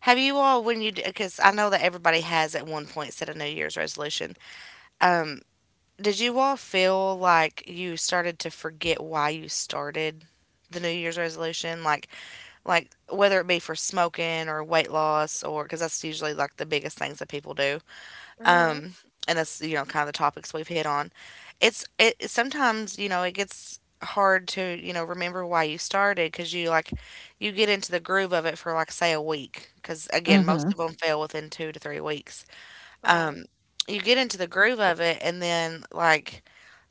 S1: Have you all, when you, because I know that everybody has at one point set a New Year's resolution. Um, Did you all feel like you started to forget why you started the New Year's resolution? Like whether it be for smoking or weight loss, or because that's usually like the biggest things that people do.
S3: Mhm.
S1: Um, and that's, you know, kind of the topics we've hit on. It sometimes, you know, it gets hard to, you know, remember why you started because you like you get into the groove of it for like say a week, because again
S2: hmm
S1: most of them fail within 2 to 3 weeks.
S3: Right.
S1: um, you get into the groove of it, and then like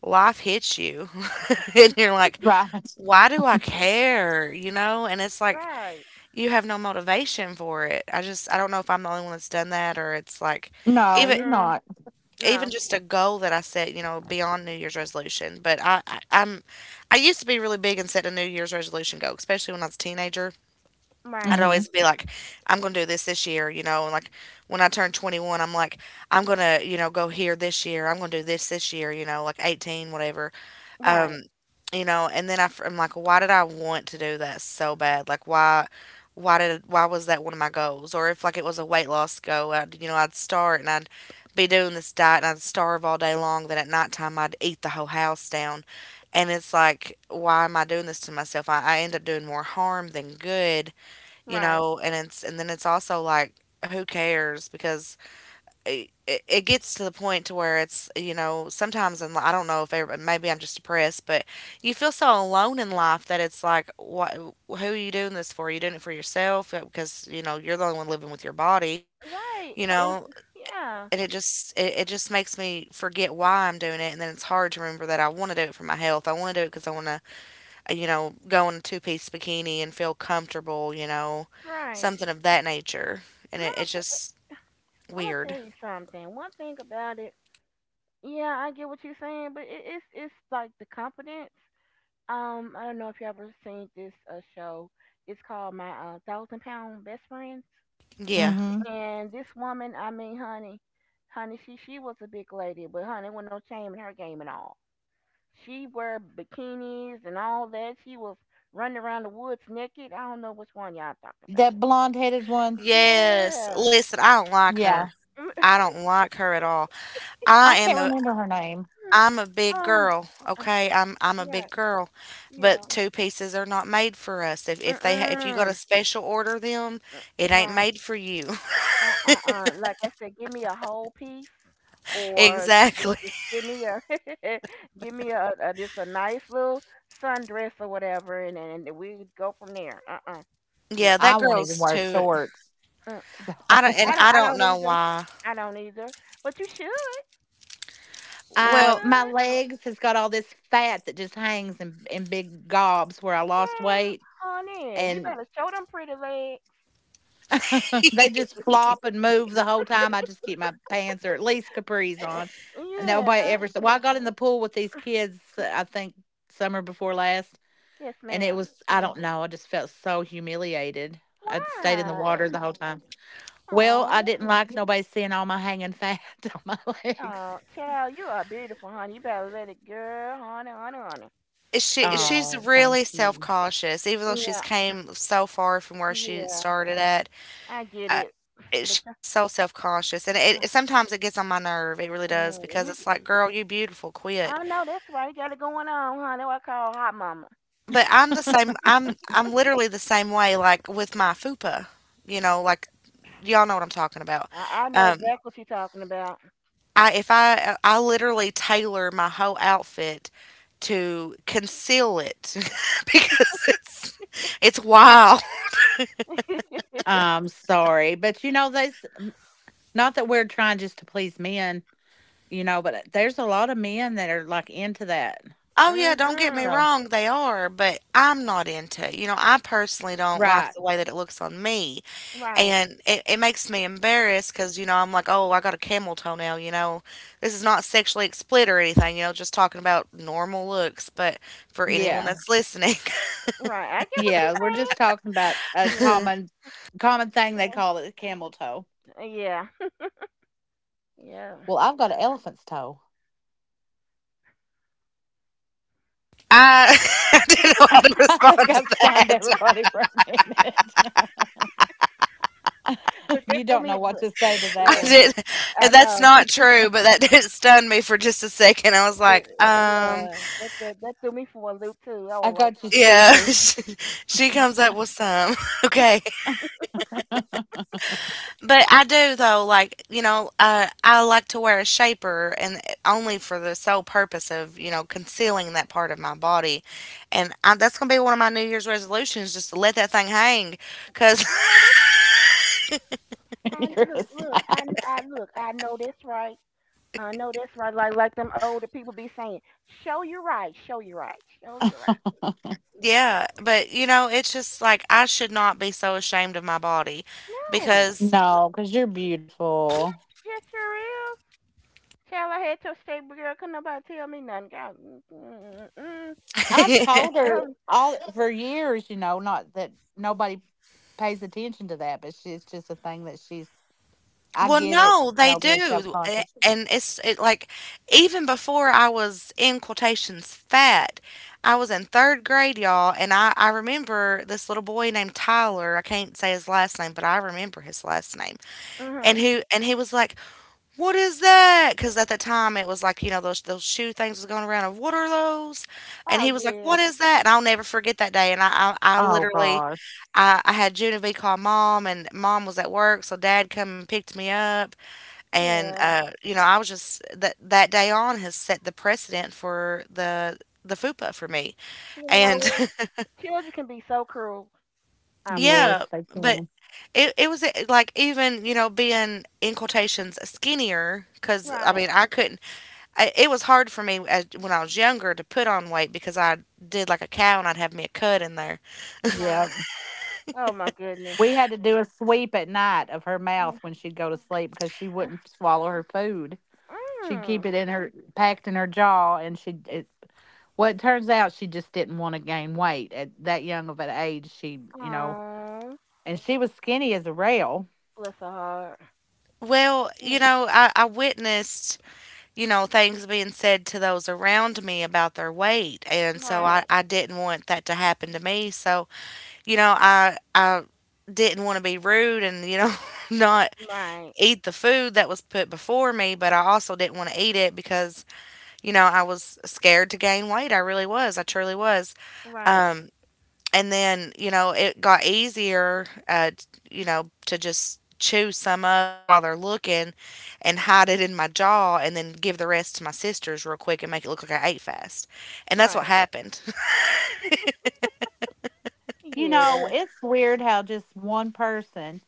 S1: life hits you, [laughs] and you're like,
S2: Right.
S1: why do I care? You know, and it's like
S3: Right.
S1: you have no motivation for it. I don't know if I'm the only one that's done that, or it's like
S2: No,
S1: even
S2: you're
S3: Mm-mm.
S2: not.
S1: even
S3: No.
S1: just a goal that I set, you know, beyond New Year's resolution. But I used to be really big and set a New Year's resolution goal, especially when I was a teenager. I'd
S3: Right.
S2: Hmm
S1: always be like, I'm going to do this this year, you know, and like when I turned 21, I'm like, I'm going to, you know, go here this year. I'm going to do this this year, you know, like 18, whatever,
S3: Right.
S1: you know, and then I, am like, why did I want to do that so bad? Like, why, why was that one of my goals? Or if like it was a weight loss goal, I'd, you know, I'd start and I'd be doing this diet and I'd starve all day long. Then at nighttime, I'd eat the whole house down. And it's like, why am I doing this to myself? I end up doing more harm than good, you
S3: Right.
S1: know. And it's and then it's also like who cares, because it gets to the point to where it's, you know, sometimes, and I don't know if every, maybe I'm just depressed, but you feel so alone in life that it's like what who are you doing this for? Are you doing it for yourself, because you know you're the only one living with your body, you
S3: Right.
S1: know?
S3: And
S1: And
S3: yeah.
S1: it just it just makes me forget why I'm doing it, and then it's hard to remember that I want to do it for my health. I want to do it because I want to, you know, go in a two-piece bikini and feel comfortable, you know,
S3: Right.
S1: something of that nature. And
S3: And
S1: it's just
S3: I'm gonna
S1: weird.
S3: tell you something. One thing about it. Yeah, I get what you're saying, but it's like the confidence. I don't know if you ever seen this show. It's called My 1000-Lb. Best Friends.
S1: Yeah.
S2: hmm
S3: And this woman, I mean, honey, she was a big lady, but honey, there was no shame in her game at all. She wore bikinis and all that. She was running around the woods naked. I don't know which one y'all talked about.
S2: That
S3: It.
S2: blonde headed one.
S1: Yes.
S3: Yeah.
S1: Listen, I don't like her.
S2: Yeah.
S1: I don't like her at all. I
S2: I
S1: am
S2: can't
S1: a
S2: remember her name.
S1: I'm a
S3: [laughs]
S1: big
S3: um.
S1: girl,
S3: uh,
S1: okay? I'm a
S3: Yeah.
S1: big girl,
S3: Yeah.
S1: but two pieces are not made for us. If if you got to
S3: Mm.
S1: special order them, it ain't
S3: Right.
S1: made for you.
S3: Like I said, give me a whole piece, or just, you know,
S1: [laughs] Exactly.
S3: just give me a, [laughs] give me a just a nice little sundress or whatever, and we go from there. No.
S1: Yeah,
S2: I
S1: that
S2: won't even
S1: girl's
S2: wear
S1: too.
S2: shorts.
S3: Mm.
S2: So
S1: I don't, and
S2: [laughs]
S3: I don't.
S1: I
S3: I
S1: don't
S3: don't
S1: know
S3: either.
S1: why.
S3: I don't either. But you should. You
S1: Well,
S2: my
S3: should.
S2: legs has got all this fat that just hangs in big gobs where I lost
S3: And
S2: weight.
S3: honey, you
S2: And.
S3: better show them pretty legs.
S2: [laughs] They just flop and move the whole time. I just keep my pants or at least capris
S3: Uh,
S2: on. And
S3: yeah.
S2: nobody ever said, well, I got in the pool with these kids, I think summer before last.
S3: Yes,
S2: And it
S3: ma'am.
S2: was, I don't know, I just felt so humiliated. I stayed in the
S3: Why?
S2: water the whole time. Well, I
S3: Oh.
S2: didn't like nobody seeing all my hanging fat [laughs] on my legs.
S3: Oh, child, you are beautiful, honey. You better let it, girl, honey, honey, honey. They
S1: She
S3: didn't.
S1: she's
S2: Oh,
S1: really
S2: thank you.
S1: self-conscious, even though she's
S3: Yeah,
S1: came so far from where she
S3: yeah,
S1: started at.
S3: I get
S1: uh,
S3: it. But
S1: she's
S3: you,
S1: so self-conscious, and it
S3: uh,
S1: sometimes it gets on my nerve, it really does,
S3: mm,
S1: because
S3: you,
S1: it's
S3: get,
S1: like, "Girl, you beautiful,
S3: I
S1: quit."
S3: know that's why you got it going on, huh? That's what I call hot mama.
S1: But I'm the same. I'm literally the same way, like, with my fupa, you know, like, y'all know what I'm talking about.
S3: I know
S1: Um,
S3: exactly what you're talking about.
S1: I if I literally tailor my whole outfit to conceal it [laughs] because it's wild.
S3: [laughs]
S2: I'm sorry. But you know, there's not that we're trying just to please men, you know, but there's a lot of men that are like into that.
S1: Oh, yeah, don't get me
S3: mhm.
S2: So
S1: wrong, they are, but I'm not into it. You know, I personally don't like
S2: right.
S1: the way that it looks on me,
S3: Right,
S1: and it makes me embarrassed because, you know, I'm like, oh, I got a camel toenail, you know. This is not sexually explicit or anything, you know, just talking about normal looks. But for anyone
S2: Yeah.
S1: that's listening,
S3: right. I get what you're
S2: Yeah, we're just
S3: saying.
S2: talking about
S1: [laughs]
S2: a
S3: Yeah,
S1: I,
S2: common common thing they call it camel toe.
S3: yeah, [laughs] yeah.
S2: Well, I've got an elephant's toe.
S1: [laughs] I didn't know
S2: [laughs]
S1: how to
S2: I
S1: respond
S2: think
S1: to
S2: I stunned
S1: that.
S2: everybody for a minute.
S3: Look,
S2: [laughs]
S3: that
S2: You
S3: threw
S2: don't know
S3: me.
S2: what
S3: Look,
S2: to say to
S1: I
S2: that
S3: look,
S2: one.
S1: didn't,
S3: I
S1: That's
S3: know.
S1: not true, but that [laughs] did stun me for just a second. I was
S3: It,
S1: like,
S3: yeah, that threw me for a loop too. I
S2: I
S3: was like,
S2: got you
S1: yeah, [laughs]
S2: speechless.
S1: she comes up with some. [laughs] Okay.
S2: [laughs]
S1: But I do though, like, you know, I like to wear a shaper and only for the sole purpose of, you know, concealing that part of my body. And I, that's going to be one of my New Year's resolutions, just to let that thing hang cuz
S3: I know this. I
S2: You're a
S3: look.
S2: sign.
S3: I look. I know this, right? I know that's right. Like them older people be saying, "Show you right, show you right, show you right."
S2: [laughs]
S1: [laughs] yeah, but you know, it's just like I should not be so ashamed of my body
S3: No,
S1: because
S2: No, because you're beautiful.
S3: yes, yes, sure is. Child, I had to say, girl, could nobody tell me nothing. God, mm, mm, mm, mm,
S2: I've
S3: I'm
S1: [laughs]
S2: told her
S3: telling.
S2: all for years, you know, not that nobody pays attention to that, but she, it's just a thing that she's. I
S1: well,
S2: get it.
S1: no, they
S2: No being self
S1: do, a
S2: conscious.
S1: and it's it, like, even before I was, in quotations, "fat," I was in 3rd grade, y'all, and I remember this little boy named Tyler, I can't say his last name, but I remember his last name, and
S3: Mm-hmm.
S1: who? And he was like, "What is that?" Because at the time, it was like, you know, those shoe things was going around of, "What are those?" And
S3: Oh
S1: he was like,
S3: yeah,
S1: "What is that?" And I'll never forget that day, and I
S2: Oh
S1: literally
S2: gosh.
S1: I had Genevieve call mom, and mom was at work, so dad come and picked me up, and,
S3: yeah.
S1: you know, I was just that day on has set the precedent for the fupa for me.
S3: You
S1: And
S3: know, children can be so cruel.
S1: [laughs]
S3: I promise.
S1: yeah,
S2: Yes, they
S1: but
S2: can.
S1: it was like even, you know, being in quotations skinnier cuz I
S3: Right,
S1: mean, I couldn't I, it was hard for me as, when I was younger to put on weight because I did like a cow and I'd have me a cut in there.
S3: right.
S2: Yep.
S3: Oh my goodness.
S2: We had to do a sweep at night of her mouth
S3: Mm,
S2: when she'd go to sleep because she wouldn't swallow her food. She'd keep
S3: mm.
S2: it in her packed in her jaw and she it well, it turns out she just didn't want to gain weight at that young of an age. She, you know,
S3: Oh,
S2: and she was skinny as a rail.
S3: bless her heart.
S1: Well, you
S3: Yeah.
S1: know, I witnessed, you know, things being said to those around me about their weight. And so
S3: Right,
S1: I didn't want that to happen to me. So you know, I didn't want to be rude and you know [laughs] not
S3: right,
S1: eat the food that was put before me, but I also didn't want to eat it because you know I was scared to gain weight. I really was. I truly was.
S3: right,
S1: Um, and then you know it got easier, you know, to just chew some up while they're looking and hide it in my jaw and then give the rest to my sisters real quick and make it look like I ate fast. And that's what
S3: right.
S1: happened. [laughs]
S2: You know,
S3: Yeah.
S2: it's weird how just one person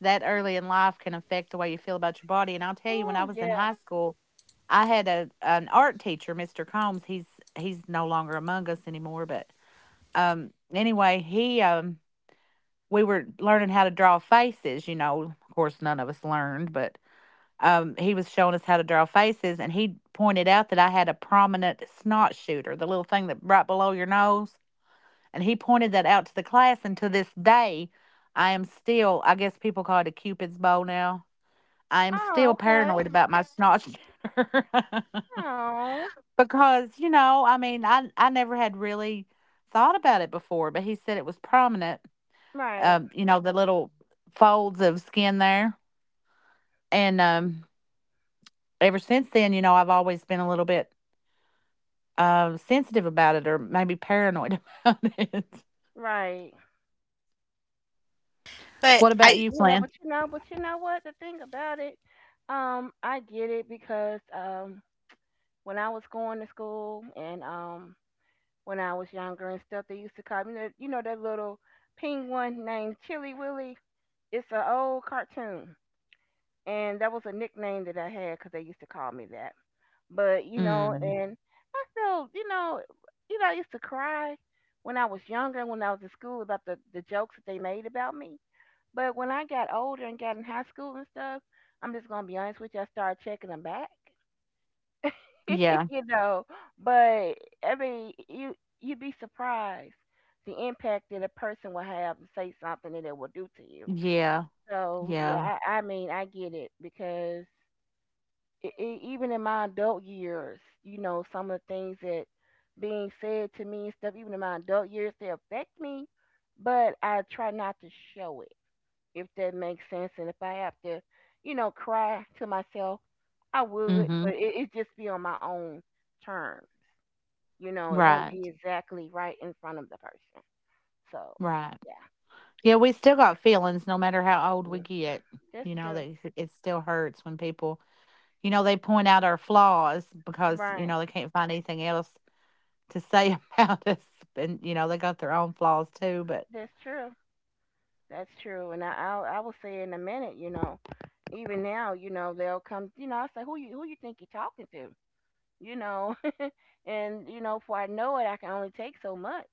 S2: that early in life can affect the way you feel about your body. And I'll tell you, when I
S3: Oh,
S2: was in
S3: yeah.
S2: high school, I had a an art teacher, Mr. Combs. He's no longer among us anymore, but anyway, he we were learning how to draw faces, you know. Of course none of us learned, but he was showing us how to draw faces and he pointed out that I had a prominent snot shooter, the little thing that right below your nose. And he pointed that out to the class. And to this day, I am still, I guess people call it a Cupid's bow now. I am
S3: Oh,
S2: still
S3: okay.
S2: paranoid [laughs] about my snot shooter.
S3: Oh,
S2: [laughs] Because, you know, I mean, I never had really thought about it before, but he said it was prominent,
S3: right,
S2: you know, the little folds of skin there. And ever since then, you know, I've always been a little bit sensitive about it or maybe paranoid about it. [laughs]
S3: right.
S1: But
S2: What about
S1: I
S2: you,
S3: You know,
S2: Flan?
S3: but you know, but you know what? The thing about it, I get it because when I was going to school and when I was younger and stuff, they used to call me that. You know that little penguin named Chili Willy. It's an old cartoon, and that was a nickname that I had because they used to call me that. But you know,
S2: Mm,
S3: and I still, you know, I used to cry when I was younger, when I was in school about the jokes that they made about me. But when I got older and got in high school and stuff, I'm just gonna be honest with you, I started checking them back. [laughs]
S2: yeah,
S3: you know, but I mean, you'd be surprised the impact that a person will have to say something that it will do to you.
S2: yeah,
S3: So
S2: yeah.
S3: yeah, I mean, I get it because even in my adult years, you know, some of the things that being said to me and stuff, even in my adult years, they affect me, but I try not to show it, if that makes sense. And if I have to, you know, cry to myself, I would, but
S2: Mhm.
S3: it just be on my own terms. You know, it won't be
S2: Right.
S3: exactly right in front of the person. So,
S2: Right.
S3: yeah,
S2: Yeah, we still got feelings no matter how old we
S3: mm,
S2: get.
S3: that's
S2: You know, that
S3: true.
S2: it still hurts when people, you know, they point out our flaws because, you
S3: Right,
S2: know, they can't find anything else to say [laughs] about us. And, you know, they got their own flaws too, but
S3: that's true. That's true, and I will say in a minute, you know, even now, you know, they'll come, you know, I say, who you think you're talking to, you know, [laughs] and you know, before I know it, I can only take so much.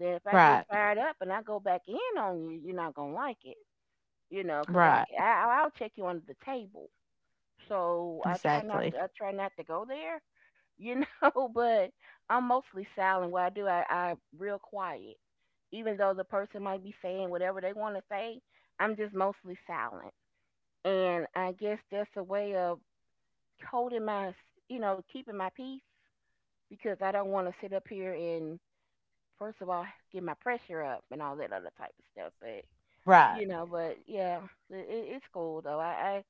S3: Then if I get
S2: right.
S3: fired up and I go back in on you, you're not gonna like it, you know, because
S2: Right.
S3: I'll check you under the table, so
S2: Exactly.
S3: I try not to go there, you know. [laughs] But I'm mostly silent. What I do, I real quiet, even though the person might be saying whatever they want to say. I'm just mostly silent, and I guess that's a way of holding my, you know, keeping my peace because I don't want to sit up here and first of all get my pressure up and all that other type of stuff. But
S2: Right.
S3: you know, but yeah, it- it's cool though. I,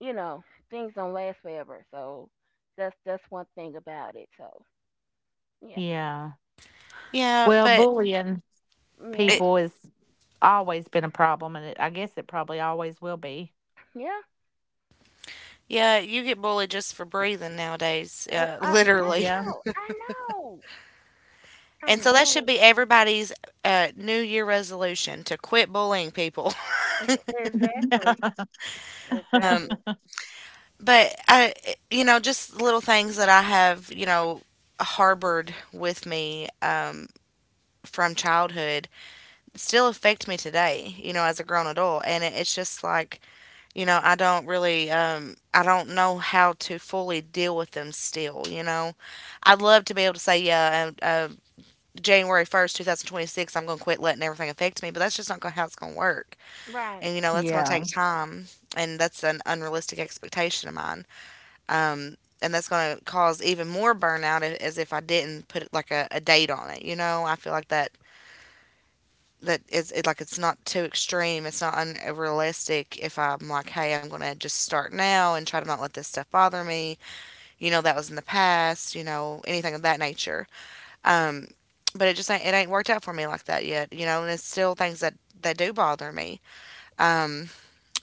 S3: you know, things don't last forever. So that's one thing about it. So yeah,
S2: Yeah.
S1: Yeah,
S2: Well,
S1: but
S2: bullying
S3: yeah,
S1: it
S2: people has always been a problem and it, I guess it probably always will be.
S3: yeah.
S1: yeah, you get bullied just for breathing nowadays, [laughs]
S3: I
S1: literally.
S2: Yeah.
S3: know, I know, I
S1: And so that should
S3: know.
S1: be everybody's New Year resolution to quit bullying people. [laughs]
S3: [laughs] exactly,
S2: [laughs]
S1: Um,
S3: exactly.
S2: [laughs]
S1: but I, you know, just little things that I have, you know, harbored with me, from childhood still affect me today, you know, as a grown adult. And it's just like, you know, I don't really, I don't know how to fully deal with them still, you know. I'd love to be able to say, yeah, January 1st, 2026, I'm going to quit letting everything affect me, but that's just not going to how it's going to work.
S3: Right.
S1: And, you know, that's going to
S2: Yeah.
S1: take time. And that's an unrealistic expectation of mine. Um, and that's going to cause even more burnout as if I didn't put like a date on it. You know, I feel like that is it, like it's not too extreme. It's not unrealistic if I'm like, hey, I'm going to just start now and try to not let this stuff bother me. You know, that was in the past, you know, anything of that nature. Um, but it just ain't, it ain't worked out for me like that yet, you know. And it's still things that do bother me. Um,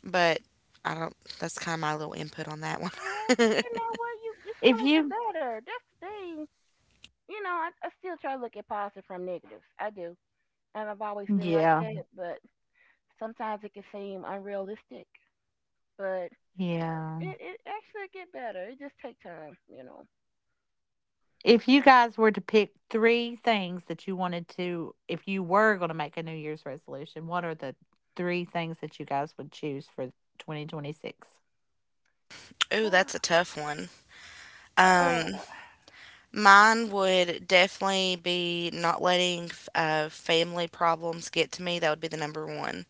S1: but I don't. That's kind of my little input on that one.
S3: Real, but you know what? You it's
S2: If
S3: gonna get
S2: you
S3: better. That's the thing. You know, I still try to look at positive from negatives. I do, and I've always been like
S2: Yeah.
S3: that. But sometimes it can seem unrealistic. But it,
S2: Yeah.
S3: it actually get better. It just take time. You know.
S2: If you guys were to pick three things that you wanted to, if you were going to make a New Year's resolution, what are the three things that you guys would choose for 2026?
S1: [laughs] Ooh, that's a
S3: [sighs]
S1: tough one.
S3: Uh,
S1: Um, Mine would definitely be not letting family problems get to me. That would be the number one.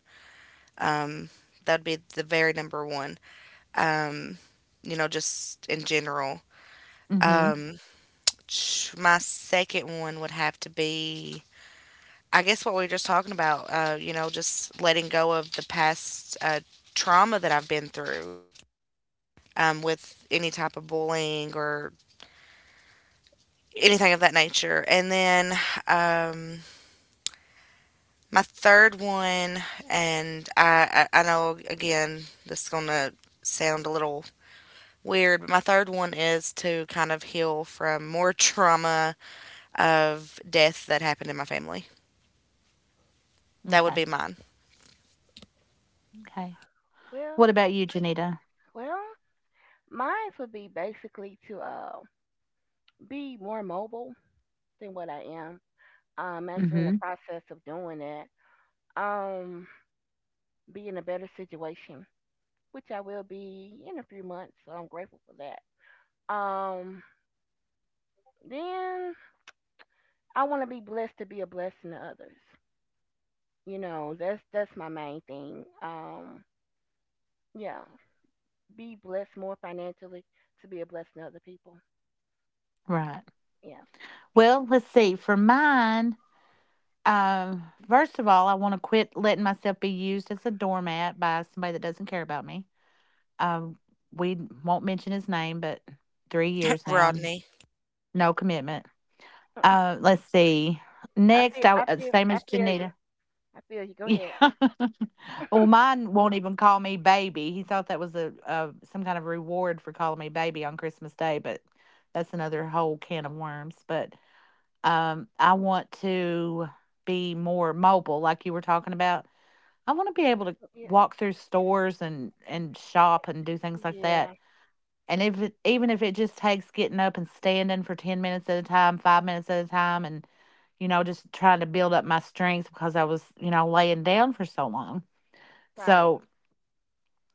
S1: Um, that would be the very number one. Um, you know, just in general.
S2: Mm-hmm.
S1: Um, my second one would have to be I guess what we were just talking about, you know, just letting go of the past trauma that I've been through, with any type of bullying or anything of that nature. And then um, my third one, and I know again, this is going to sound a little weird, but my third one is to kind of heal from more [laughs] trauma of death that happened in my family. That would
S2: Okay.
S1: be mine.
S2: Okay.
S3: well,
S2: What about you, Janita?
S3: Well, mine would be basically to be more mobile than what I am. I'm actually in the
S2: Mm-hmm.
S3: process of doing that. Um, be in a better situation, which I will be in a few months. So I'm grateful for that. Um, then I want to be blessed to be a blessing to others. You know, that's my main thing. Yeah, be blessed more financially to be a blessing to other people.
S2: Right.
S3: Yeah,
S2: Well, let's see. For mine, first of all, I want to quit letting myself be used as a doormat by somebody that doesn't care about me. Um, we won't mention his name, but 3 years
S1: [laughs]
S2: now and
S1: Rodney.
S2: no commitment. Let's see. Next, I same
S3: I
S2: as
S3: feel you.
S2: Janita.
S3: I feel you. Go ahead.
S2: Yeah. [laughs] Well, mine won't even call me baby. He thought that was a some kind of reward for calling me baby on Christmas Day, but that's another whole can of worms. But I want to be more mobile, like you were talking about. I want to be able to
S3: Yeah.
S2: walk through stores and shop and do things like that,
S3: Yeah,
S2: and if it, even if it just takes getting up and standing for 10 minutes at a time, 5 minutes at a time, and, you know, just trying to build up my strength because I was, you know, laying down for so long.
S3: right.
S2: So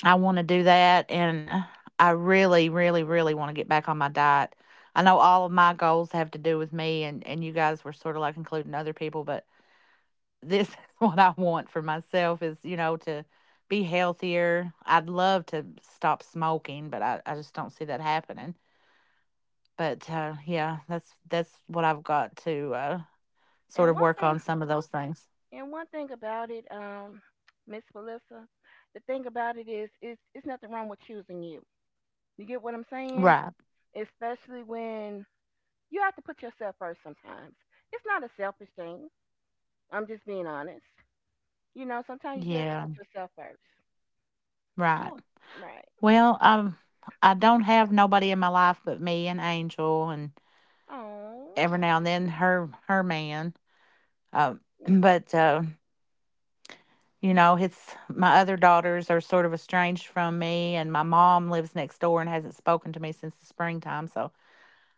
S2: I want to do that. And I really, really, really want to get back on my diet. I know all of my goals have to do with me, and you guys were sort of like including other people, but [laughs] this is what I want for myself is, you know, to be healthier. I'd love to stop smoking, but I just don't see that happening. But, yeah, that's what I've got to, sort
S3: And
S2: of
S3: one
S2: work
S3: thing,
S2: on some of those things.
S3: and one thing about it, Miss Melissa, the thing about it is, it's nothing wrong with choosing you. You get what I'm saying?
S2: Right.
S3: Especially when you have to put yourself first. Sometimes it's not a selfish thing. I'm just being honest. You know, sometimes you do have to
S2: Yeah,
S3: put yourself first.
S2: right.
S3: Yeah, right.
S2: Well, I don't have nobody in my life but me and Angel and
S3: Oh,
S2: every now and then her man. Um, [clears throat] but, you know, it's my other daughters are sort of estranged from me, and my mom lives next door and hasn't spoken to me since the springtime, so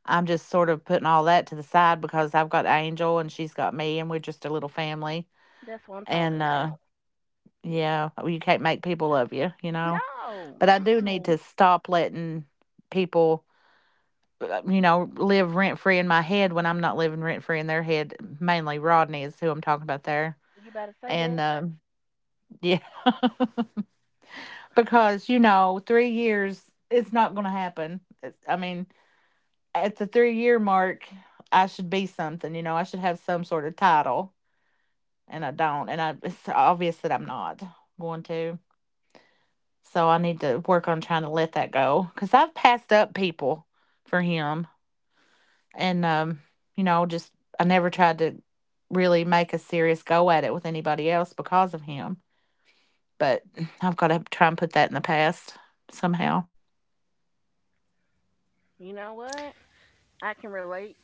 S2: I'm just sort of putting all that to the side because I've got Angel and she's got me, and we're just a little family.
S3: that's what I'm talking
S2: And, uh,
S3: about.
S2: yeah, well, you can't make people love you, you know?
S3: No,
S2: But I do need
S3: mm-mm.
S2: to stop letting people, you know, live rent free in my head when I'm not living rent free in their head. Mainly Rodney is who I'm talking about there.
S3: You better say
S2: And
S3: that.
S2: yeah, [laughs] because, you know, 3 years, it's not going to happen. It's, I mean, at the 3 year mark, I should be something, you know, I should have some sort of title, and I don't. And I, it's obvious that I'm not going to. So I need to work on trying to let that go because I've passed up people for him. And, you know, just I never tried to really make a serious go at it with anybody else because of him. But [sighs] I've got to try and put that in the past somehow.
S3: You know what? I can relate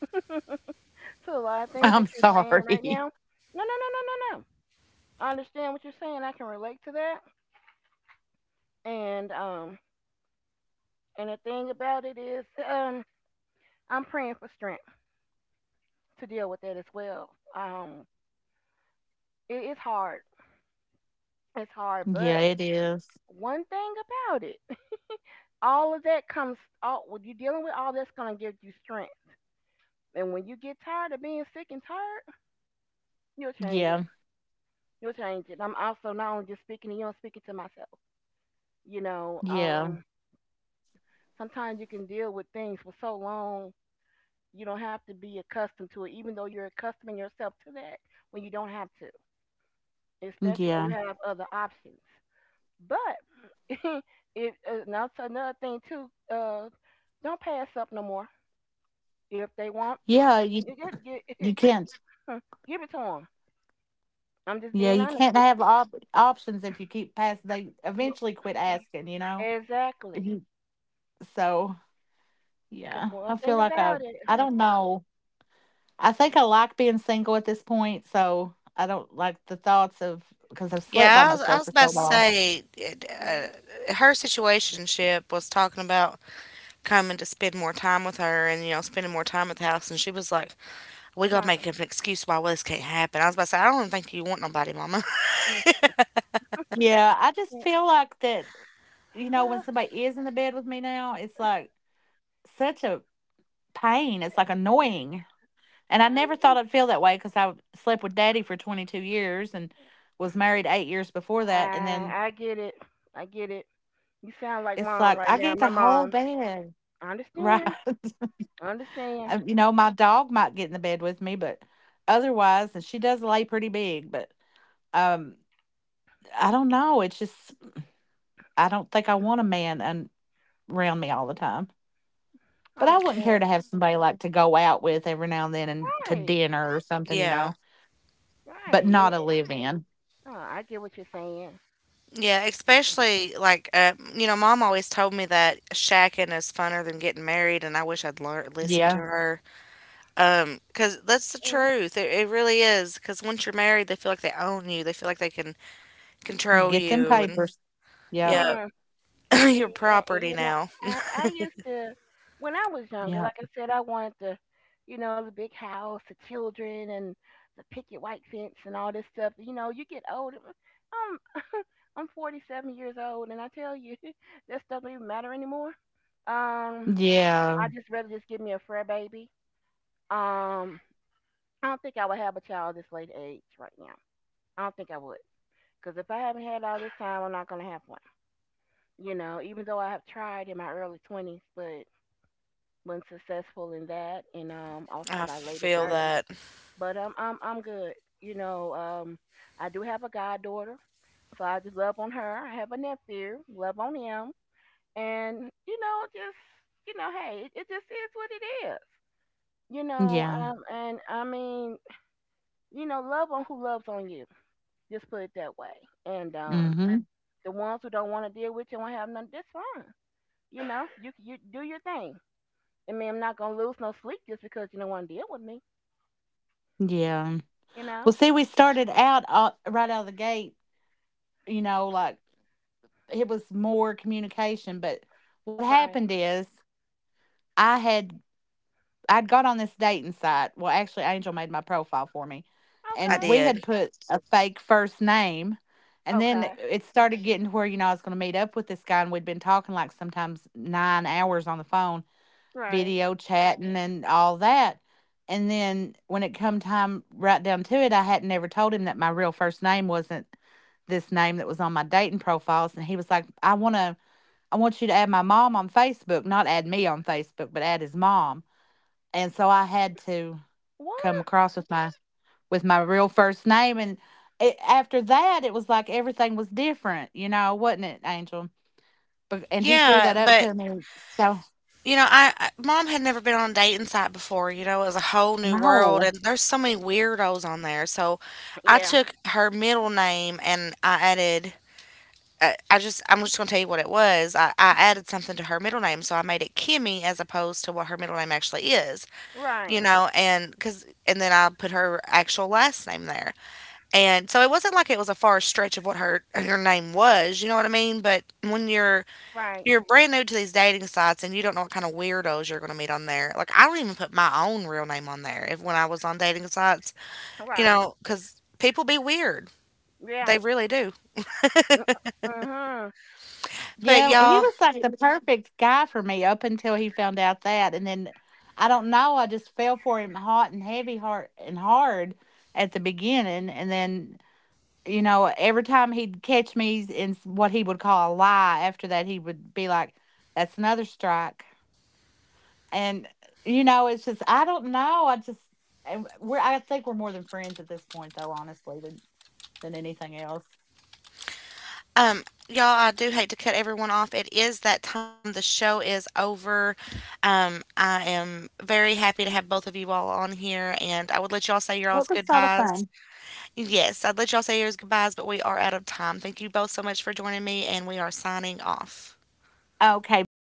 S3: to a lot of things
S2: I'm
S3: that you're saying right
S2: sorry.
S3: now. No. I understand what you're saying. I can relate to that. And um, and the thing about it is, I'm praying for strength to deal with that as well. Um, it, it's hard. It's
S2: [laughs]
S3: hard, but
S2: Yeah, it is.
S3: one thing about it, [laughs] all of that comes all when you're dealing with all that's gonna give you strength. And when you get tired of being sick and tired, you'll change it.
S2: Yeah,
S3: You'll change it. I'm also not only just speaking to you, I'm speaking to myself. You know,
S2: yeah,
S3: sometimes you can deal with things for so long you don't have to be accustomed to it even though you're accustoming yourself to that when you don't have to especially when you
S2: yeah.
S3: have other options but [laughs] it now it's another thing too uh don't pass up no more if they want
S2: Yeah, you,
S3: just gi-
S2: you can't.
S3: [laughs] give it to them. I'm just
S2: Yeah,
S3: being
S2: you
S3: honest
S2: can't
S3: with
S2: have
S3: you.
S2: op- options if you keep passing. They
S3: You
S2: eventually quit asking, you know?
S3: exactly.
S2: Mhm. So.
S3: Because
S2: Yeah,
S3: one
S2: I feel
S3: thing
S2: like I
S3: about it
S2: I don't know. I think I like being single at this point, so I don't like the thoughts of because I've slept by
S1: Yeah, I
S2: myself
S1: was
S2: for
S1: about
S2: so
S1: to
S3: you
S2: long.
S1: say it,
S3: yeah
S1: her situationship was talking about coming to spend more time with her and, you know, spending more time at the house. And she was like, we got to
S3: my
S1: make up an excuse why this can't happen. I was about to say, I don't even think you want nobody, mama. [laughs]
S3: mm,
S2: Yeah, I just
S3: mm,
S2: feel like that, you know, when
S3: well
S2: somebody is in the bed with me now, it's like such a pain. It's like
S3: uh, uh,
S2: annoying. And I never
S3: yeah.
S2: thought I'd feel that way because I slept with daddy for 22 years and was married 8 years before that. And
S3: I
S2: then
S3: I get it. I get it. You sound like
S2: it's
S3: mom
S2: like,
S3: right
S2: I
S3: now.
S2: get
S3: My
S2: the whole
S3: mom.
S2: bed.
S3: I
S2: Right.
S3: understand.
S2: [laughs]
S3: I understand.
S2: You know, my dog might get in the bed with me, but otherwise, and she does lay pretty big, but um, I don't know. It's just, I don't think I want a man un- around me all the time.
S3: I
S2: But I wouldn't care
S3: understand.
S2: to have somebody like to go out with every now and then and to
S3: Right.
S2: dinner or something, you
S1: Yeah.
S2: know,
S3: Right.
S2: but
S3: And
S2: not a
S3: it,
S2: live in.
S3: oh, I get what you're saying.
S1: Yeah, especially like, you know, mom always told me that shacking is funner than getting married, and I wish I'd learned listened to
S2: Yeah.
S1: her. 'Cause that's the
S3: Yeah.
S1: truth. It really is. 'Cause once you're married, they feel like they own you. They feel like they can
S2: Well,
S1: control
S2: get them
S1: you, and
S2: papers. Yep.
S1: yeah. [laughs]
S3: Hmm.
S1: [clears throat] Your
S3: See, and
S1: property
S3: you know,
S1: now.
S3: I used to when I was younger. Like
S2: Yep.
S3: I said, I wanted the, you know, the big house, the children, and the picket white fence, and all this stuff. You know, you get older. I'm I'm 47 years old, and I tell you, [laughs] that stuff don't even matter anymore. Um.
S2: Yeah,
S3: I just rather just give me a fur baby. Um, I don't think I would have a child this late age right now. I don't think I would, because if I haven't had all this time, I'm not gonna have one. You know, even though I have tried in my early twenties, but wasn't successful in that, and also
S1: I
S3: my later
S1: feel
S3: thirties.
S1: that.
S3: But I'm good. You know, I do have a goddaughter, so I just love on her. I have a nephew, love on him, and you know, just you know, hey, it just is what it is. You know,
S2: yeah,
S3: and I mean, you know, love on who loves on you. Just put it that way. And
S2: mhm,
S3: the ones who don't want to deal with you and won't have none, that's fine. You know, you do your thing. I mean, I'm not gonna lose no sleep just because you don't want to deal with me.
S2: yeah.
S3: You know,
S2: Well, see, we started out, right out of the gate, you know, like, it was more communication, but what
S3: right?
S2: happened is I had I'd got on this dating site, well, actually, Angel made my profile for me,
S1: I
S3: Okay,
S2: and we had
S1: did.
S2: put a fake first name, and then
S3: okay,
S2: it started getting to where, you know, I was gonna meet up with this guy, and we'd been talking, like, sometimes 9 hours on the phone,
S3: right.
S2: video chatting and all that. And then when it come time right down to it, I hadn't ever told him that my real first name wasn't this name that was on my dating profiles. And he was like, I wanna I want you to add my mom on Facebook, not add me on Facebook, but add his mom. And so I had to come
S3: What?
S2: across with my real first name, and it, after that it was like everything was different, you know, wasn't it, Angel? But and he threw
S1: Yeah,
S2: that up
S1: but
S2: to me. So
S1: you know, I mom had never been on a dating site before. You know, it was a whole new world,
S2: no.
S1: and there's so many weirdos on there. So, I
S3: Yeah,
S1: took her middle name and I added. I'm just gonna tell you what it was. I added something to her middle name, so I made it Kimmy as opposed to what her middle name actually is,
S3: right,
S1: you know, and cause, and then I put her actual last name there. And so it wasn't like it was a far stretch of what her name was, you know what I mean? But when
S3: right,
S1: you're brand new to these dating sites and you don't know what kind of weirdos you're going to meet on there. Like I don't even put my own real name on there if when I was on dating sites, you
S3: right.
S1: know, cuz people be weird.
S3: Yeah.
S1: They really do.
S3: Mhm.
S1: But
S2: Yeah, he
S1: y'all,
S2: was like the perfect guy for me up until he found out that. And then I don't know, I just fell for him hot and heavy heart and hard at the beginning. And then, you know, every time he'd catch me in s- what he would call a lie, after that, he would be like, that's another strike. And, you know, it's just, I don't know. I just, and we're, I think we're more than friends at this point, though, honestly, than anything else.
S1: um, y'all, I do hate to cut everyone off. It is that time. The show is over. Um, I am very happy to have both of you all on here and I would let y'all say your
S2: Well,
S1: all's
S2: it was sort of
S1: goodbyes.
S2: fun.
S1: Yes, I'd let y'all say yours goodbyes, but we are out of time. Thank you both so much for joining me, and we are signing off.
S2: Okay, bye,